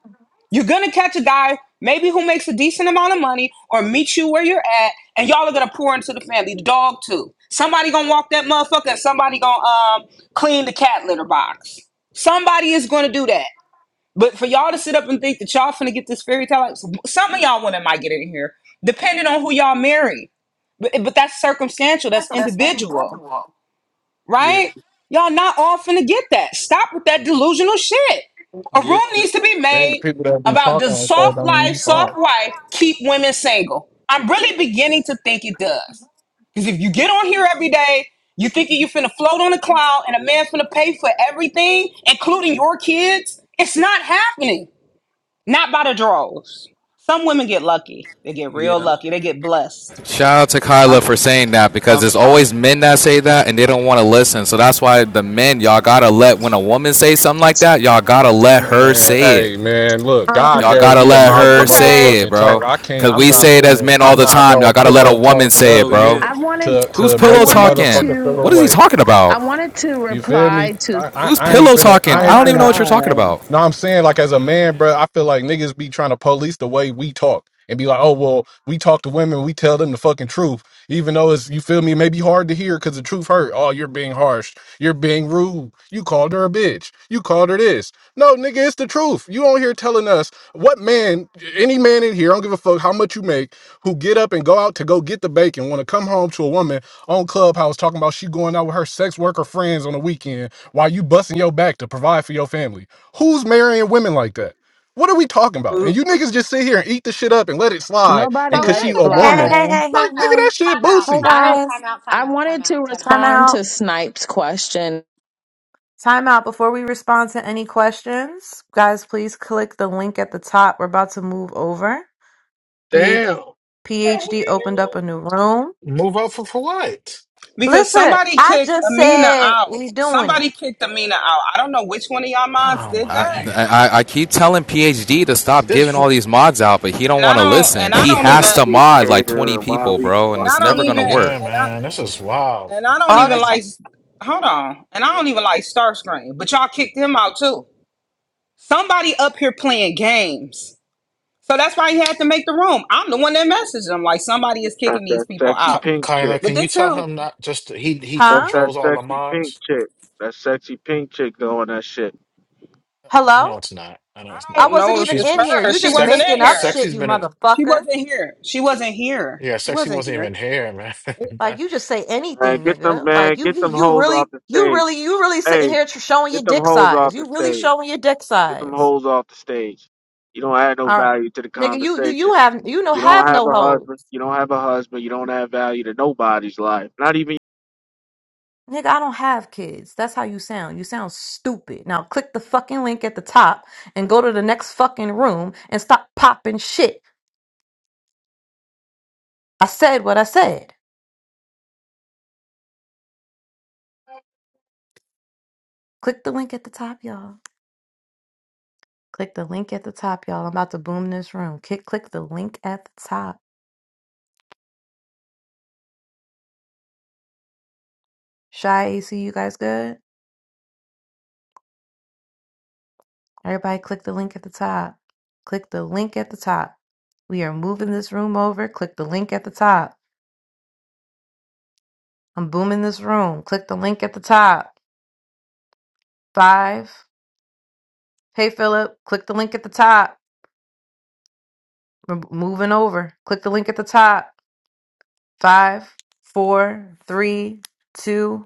Speaker 9: You're gonna catch a guy maybe who makes a decent amount of money or meet you where you're at, and y'all are gonna pour into the family. The dog too. Somebody gonna walk that motherfucker, and somebody gonna um clean the cat litter box. Somebody is gonna do that. But for y'all to sit up and think that y'all finna get this fairy tale, like, some of y'all women might get in here, depending on who y'all marry. But, but that's circumstantial. That's individual
Speaker 5: Yeah,
Speaker 9: right? Y'all not all finna get that. Stop with that delusional shit. A
Speaker 5: yeah,
Speaker 9: room needs to be
Speaker 20: then the
Speaker 9: made
Speaker 20: people that be
Speaker 9: about
Speaker 20: talking
Speaker 9: does
Speaker 20: like that
Speaker 9: soft
Speaker 20: don't
Speaker 9: life,
Speaker 20: be fun.
Speaker 9: soft wife keep women single? I'm really beginning to think it does. Because if you get on here every day, you thinking you finna float on a cloud and a man finna pay for everything, including your kids, it's not happening. Not by the draws. Some women get lucky. They get real
Speaker 5: yeah.
Speaker 9: lucky. They get blessed.
Speaker 25: Shout out to
Speaker 5: I,
Speaker 25: Kyla for saying that because
Speaker 5: I'm,
Speaker 25: there's
Speaker 5: I'm,
Speaker 25: always men that say that and they don't want to listen. So that's why the men, y'all gotta let when a woman say something like that, y'all gotta let her
Speaker 20: Man,
Speaker 25: say it.
Speaker 20: hey man, look, God
Speaker 12: Um,
Speaker 25: Y'all
Speaker 20: gave
Speaker 25: gotta
Speaker 20: me a
Speaker 25: let
Speaker 5: yeah,
Speaker 20: mouth to
Speaker 25: her
Speaker 9: Okay.
Speaker 25: say it,
Speaker 20: motherfucking
Speaker 12: I,
Speaker 25: bro.
Speaker 20: talk. I can't.
Speaker 25: Cause
Speaker 20: I'm
Speaker 25: we
Speaker 5: yeah.
Speaker 20: not
Speaker 25: say it as
Speaker 20: finna.
Speaker 25: men all
Speaker 20: I'm
Speaker 25: the
Speaker 20: not
Speaker 25: time.
Speaker 20: gonna
Speaker 25: Y'all gotta let a
Speaker 20: pillow
Speaker 25: woman
Speaker 20: talk
Speaker 25: say it,
Speaker 5: So
Speaker 20: nothing
Speaker 25: bro.
Speaker 5: yeah.
Speaker 12: I wanted,
Speaker 20: to
Speaker 25: Who's
Speaker 20: to
Speaker 12: I
Speaker 25: pillow
Speaker 20: make a
Speaker 12: wanted
Speaker 25: talking?
Speaker 20: motherfucker
Speaker 12: to,
Speaker 20: feel
Speaker 25: What is he
Speaker 20: away.
Speaker 25: talking
Speaker 12: I
Speaker 25: about?
Speaker 12: wanted to
Speaker 20: You feel me?
Speaker 12: reply to.
Speaker 20: I, I,
Speaker 25: Who's
Speaker 20: I ain't
Speaker 25: pillow
Speaker 20: finna
Speaker 25: talking?
Speaker 12: Oh
Speaker 20: I
Speaker 25: I
Speaker 20: ain't
Speaker 25: don't
Speaker 12: my
Speaker 25: even
Speaker 20: finna
Speaker 25: know what you're talking
Speaker 12: God,
Speaker 25: about.
Speaker 20: no, I'm saying like as a man, bro, I feel like niggas be trying to police the way we talk and be like, oh well, we talk to women, we tell them the fucking truth, even though it's you feel me, maybe hard to hear because the truth hurt. Oh, you're being harsh, you're being rude. You called her a bitch. You called her this. No, nigga, it's the truth. You on here telling us what man, any man in here, I don't give a fuck how much you make, who get up and go out to go get the bacon, want to come home to a woman on Clubhouse talking about she going out with her sex worker friends on the weekend while you busting your back to provide for your family. Who's marrying women like that? What are we talking about? And you niggas just sit here and eat the shit up and let it slide. And
Speaker 12: nobody
Speaker 10: So
Speaker 20: cause
Speaker 12: let
Speaker 10: here's
Speaker 20: she
Speaker 12: it
Speaker 10: the
Speaker 20: a
Speaker 10: thing.
Speaker 4: Hey, hey,
Speaker 12: fly.
Speaker 20: woman,
Speaker 10: Wait,
Speaker 4: hey, hey,
Speaker 20: like
Speaker 10: time out,
Speaker 20: nigga,
Speaker 4: hey.
Speaker 20: that shit
Speaker 10: time out,
Speaker 4: Hey,
Speaker 20: boosie.
Speaker 10: time
Speaker 12: I,
Speaker 10: out,
Speaker 4: guys.
Speaker 10: time out, time
Speaker 12: I
Speaker 10: out, time
Speaker 12: wanted to
Speaker 10: out, time out.
Speaker 4: Time
Speaker 12: respond
Speaker 4: out.
Speaker 12: to Snipe's question
Speaker 4: Time out before we respond to any questions. Guys, please click the link at the top. We're about to move over. Ph-
Speaker 26: Damn.
Speaker 4: PhD opened up a new room.
Speaker 2: move up for for what?
Speaker 9: Because
Speaker 4: Listen,
Speaker 9: somebody
Speaker 4: I
Speaker 9: kicked
Speaker 4: just
Speaker 9: Amina
Speaker 4: said
Speaker 9: out.
Speaker 4: we doing it.
Speaker 9: Somebody kicked Amina out. I don't know which one of y'all mods
Speaker 2: Oh
Speaker 9: did
Speaker 2: my
Speaker 25: I,
Speaker 9: that.
Speaker 2: nigga.
Speaker 25: I, I keep telling PhD to stop giving
Speaker 2: This,
Speaker 25: all these mods out, but he don't
Speaker 9: And I
Speaker 25: want to
Speaker 9: don't
Speaker 25: listen.
Speaker 9: and I
Speaker 25: He
Speaker 9: don't
Speaker 7: oh,
Speaker 9: even
Speaker 25: has to
Speaker 7: we
Speaker 25: mod like 20
Speaker 7: catering. Why
Speaker 25: people,
Speaker 7: we?
Speaker 25: bro, and
Speaker 7: why-
Speaker 9: and
Speaker 25: it's
Speaker 9: I don't
Speaker 25: never gonna
Speaker 9: even
Speaker 4: Please,
Speaker 25: work.
Speaker 2: yeah,
Speaker 9: and I
Speaker 2: man, this is wild.
Speaker 9: and I don't
Speaker 4: all
Speaker 9: even
Speaker 2: Huh.
Speaker 4: this,
Speaker 9: like hold on. And I don't even like Starscream. But y'all kicked him out too. Somebody up here playing games. So that's why he had to make the room. I'm the one that messaged him. Like somebody is kicking
Speaker 7: That's
Speaker 9: these
Speaker 7: that
Speaker 9: people
Speaker 7: sexy
Speaker 2: Ky
Speaker 9: out.
Speaker 7: pink
Speaker 2: Kyler,
Speaker 7: chick.
Speaker 9: But
Speaker 2: can you
Speaker 9: this
Speaker 2: tell
Speaker 9: him.
Speaker 2: him not just he he
Speaker 7: That's
Speaker 4: huh?
Speaker 7: that
Speaker 2: controls all the
Speaker 7: sexy pink
Speaker 2: mods?
Speaker 7: chick. That sexy pink chick doing that shit.
Speaker 4: Hello?
Speaker 2: No, it's not. I know it's
Speaker 9: I
Speaker 4: I
Speaker 9: don't
Speaker 2: not.
Speaker 4: wasn't
Speaker 9: know if
Speaker 4: even
Speaker 2: She's
Speaker 9: it's
Speaker 4: in here.
Speaker 9: her.
Speaker 4: You
Speaker 9: She
Speaker 4: just
Speaker 9: wasn't
Speaker 2: sex.
Speaker 9: in
Speaker 4: making up
Speaker 9: here.
Speaker 4: shit,
Speaker 2: Sexy's
Speaker 4: you
Speaker 2: been. in-
Speaker 9: She
Speaker 4: motherfucker.
Speaker 9: wasn't here. She wasn't here.
Speaker 2: Yeah,
Speaker 9: She
Speaker 2: sexy
Speaker 9: wasn't
Speaker 2: wasn't
Speaker 9: here.
Speaker 2: even here, man. [laughs]
Speaker 4: Like you just say
Speaker 7: Man,
Speaker 4: anything,
Speaker 7: get them
Speaker 4: nigga.
Speaker 7: man.
Speaker 4: Like you,
Speaker 7: Get
Speaker 4: you,
Speaker 7: them
Speaker 4: you
Speaker 7: hoes
Speaker 4: really,
Speaker 7: off the
Speaker 4: you
Speaker 7: stage.
Speaker 4: really, you really sitting
Speaker 7: Hey,
Speaker 4: here tr- showing your
Speaker 7: get them
Speaker 4: dick
Speaker 7: hoes
Speaker 4: size.
Speaker 7: off
Speaker 4: You
Speaker 7: the
Speaker 4: really
Speaker 7: stage.
Speaker 4: showing your dick
Speaker 7: Get them
Speaker 4: size.
Speaker 7: hoes off the stage. You don't add no
Speaker 4: All right,
Speaker 7: value to the
Speaker 4: nigga. You, you,
Speaker 7: conversation.
Speaker 4: you have, you know,
Speaker 7: You
Speaker 4: have
Speaker 7: don't have
Speaker 4: no
Speaker 7: a
Speaker 4: hoes.
Speaker 7: husband. You don't have a husband. You don't add value to nobody's life. Not even
Speaker 4: Nigga, I don't have kids. That's how you sound. You sound stupid. Now click the fucking link at the top and go to the next fucking room and stop popping shit. I said what I said. Click the link at the top, y'all. Click the link at the top, y'all. I'm about to boom this room. Click click the link at the top. Shy AC, you guys good? Everybody click the link at the top. Click the link at the top. We are moving this room over. Click the link at the top. I'm booming this room. Click the link at the top. Five. Hey, Philip, click the link at the top. We're moving over. Click the link at the top. Five, four, three, two,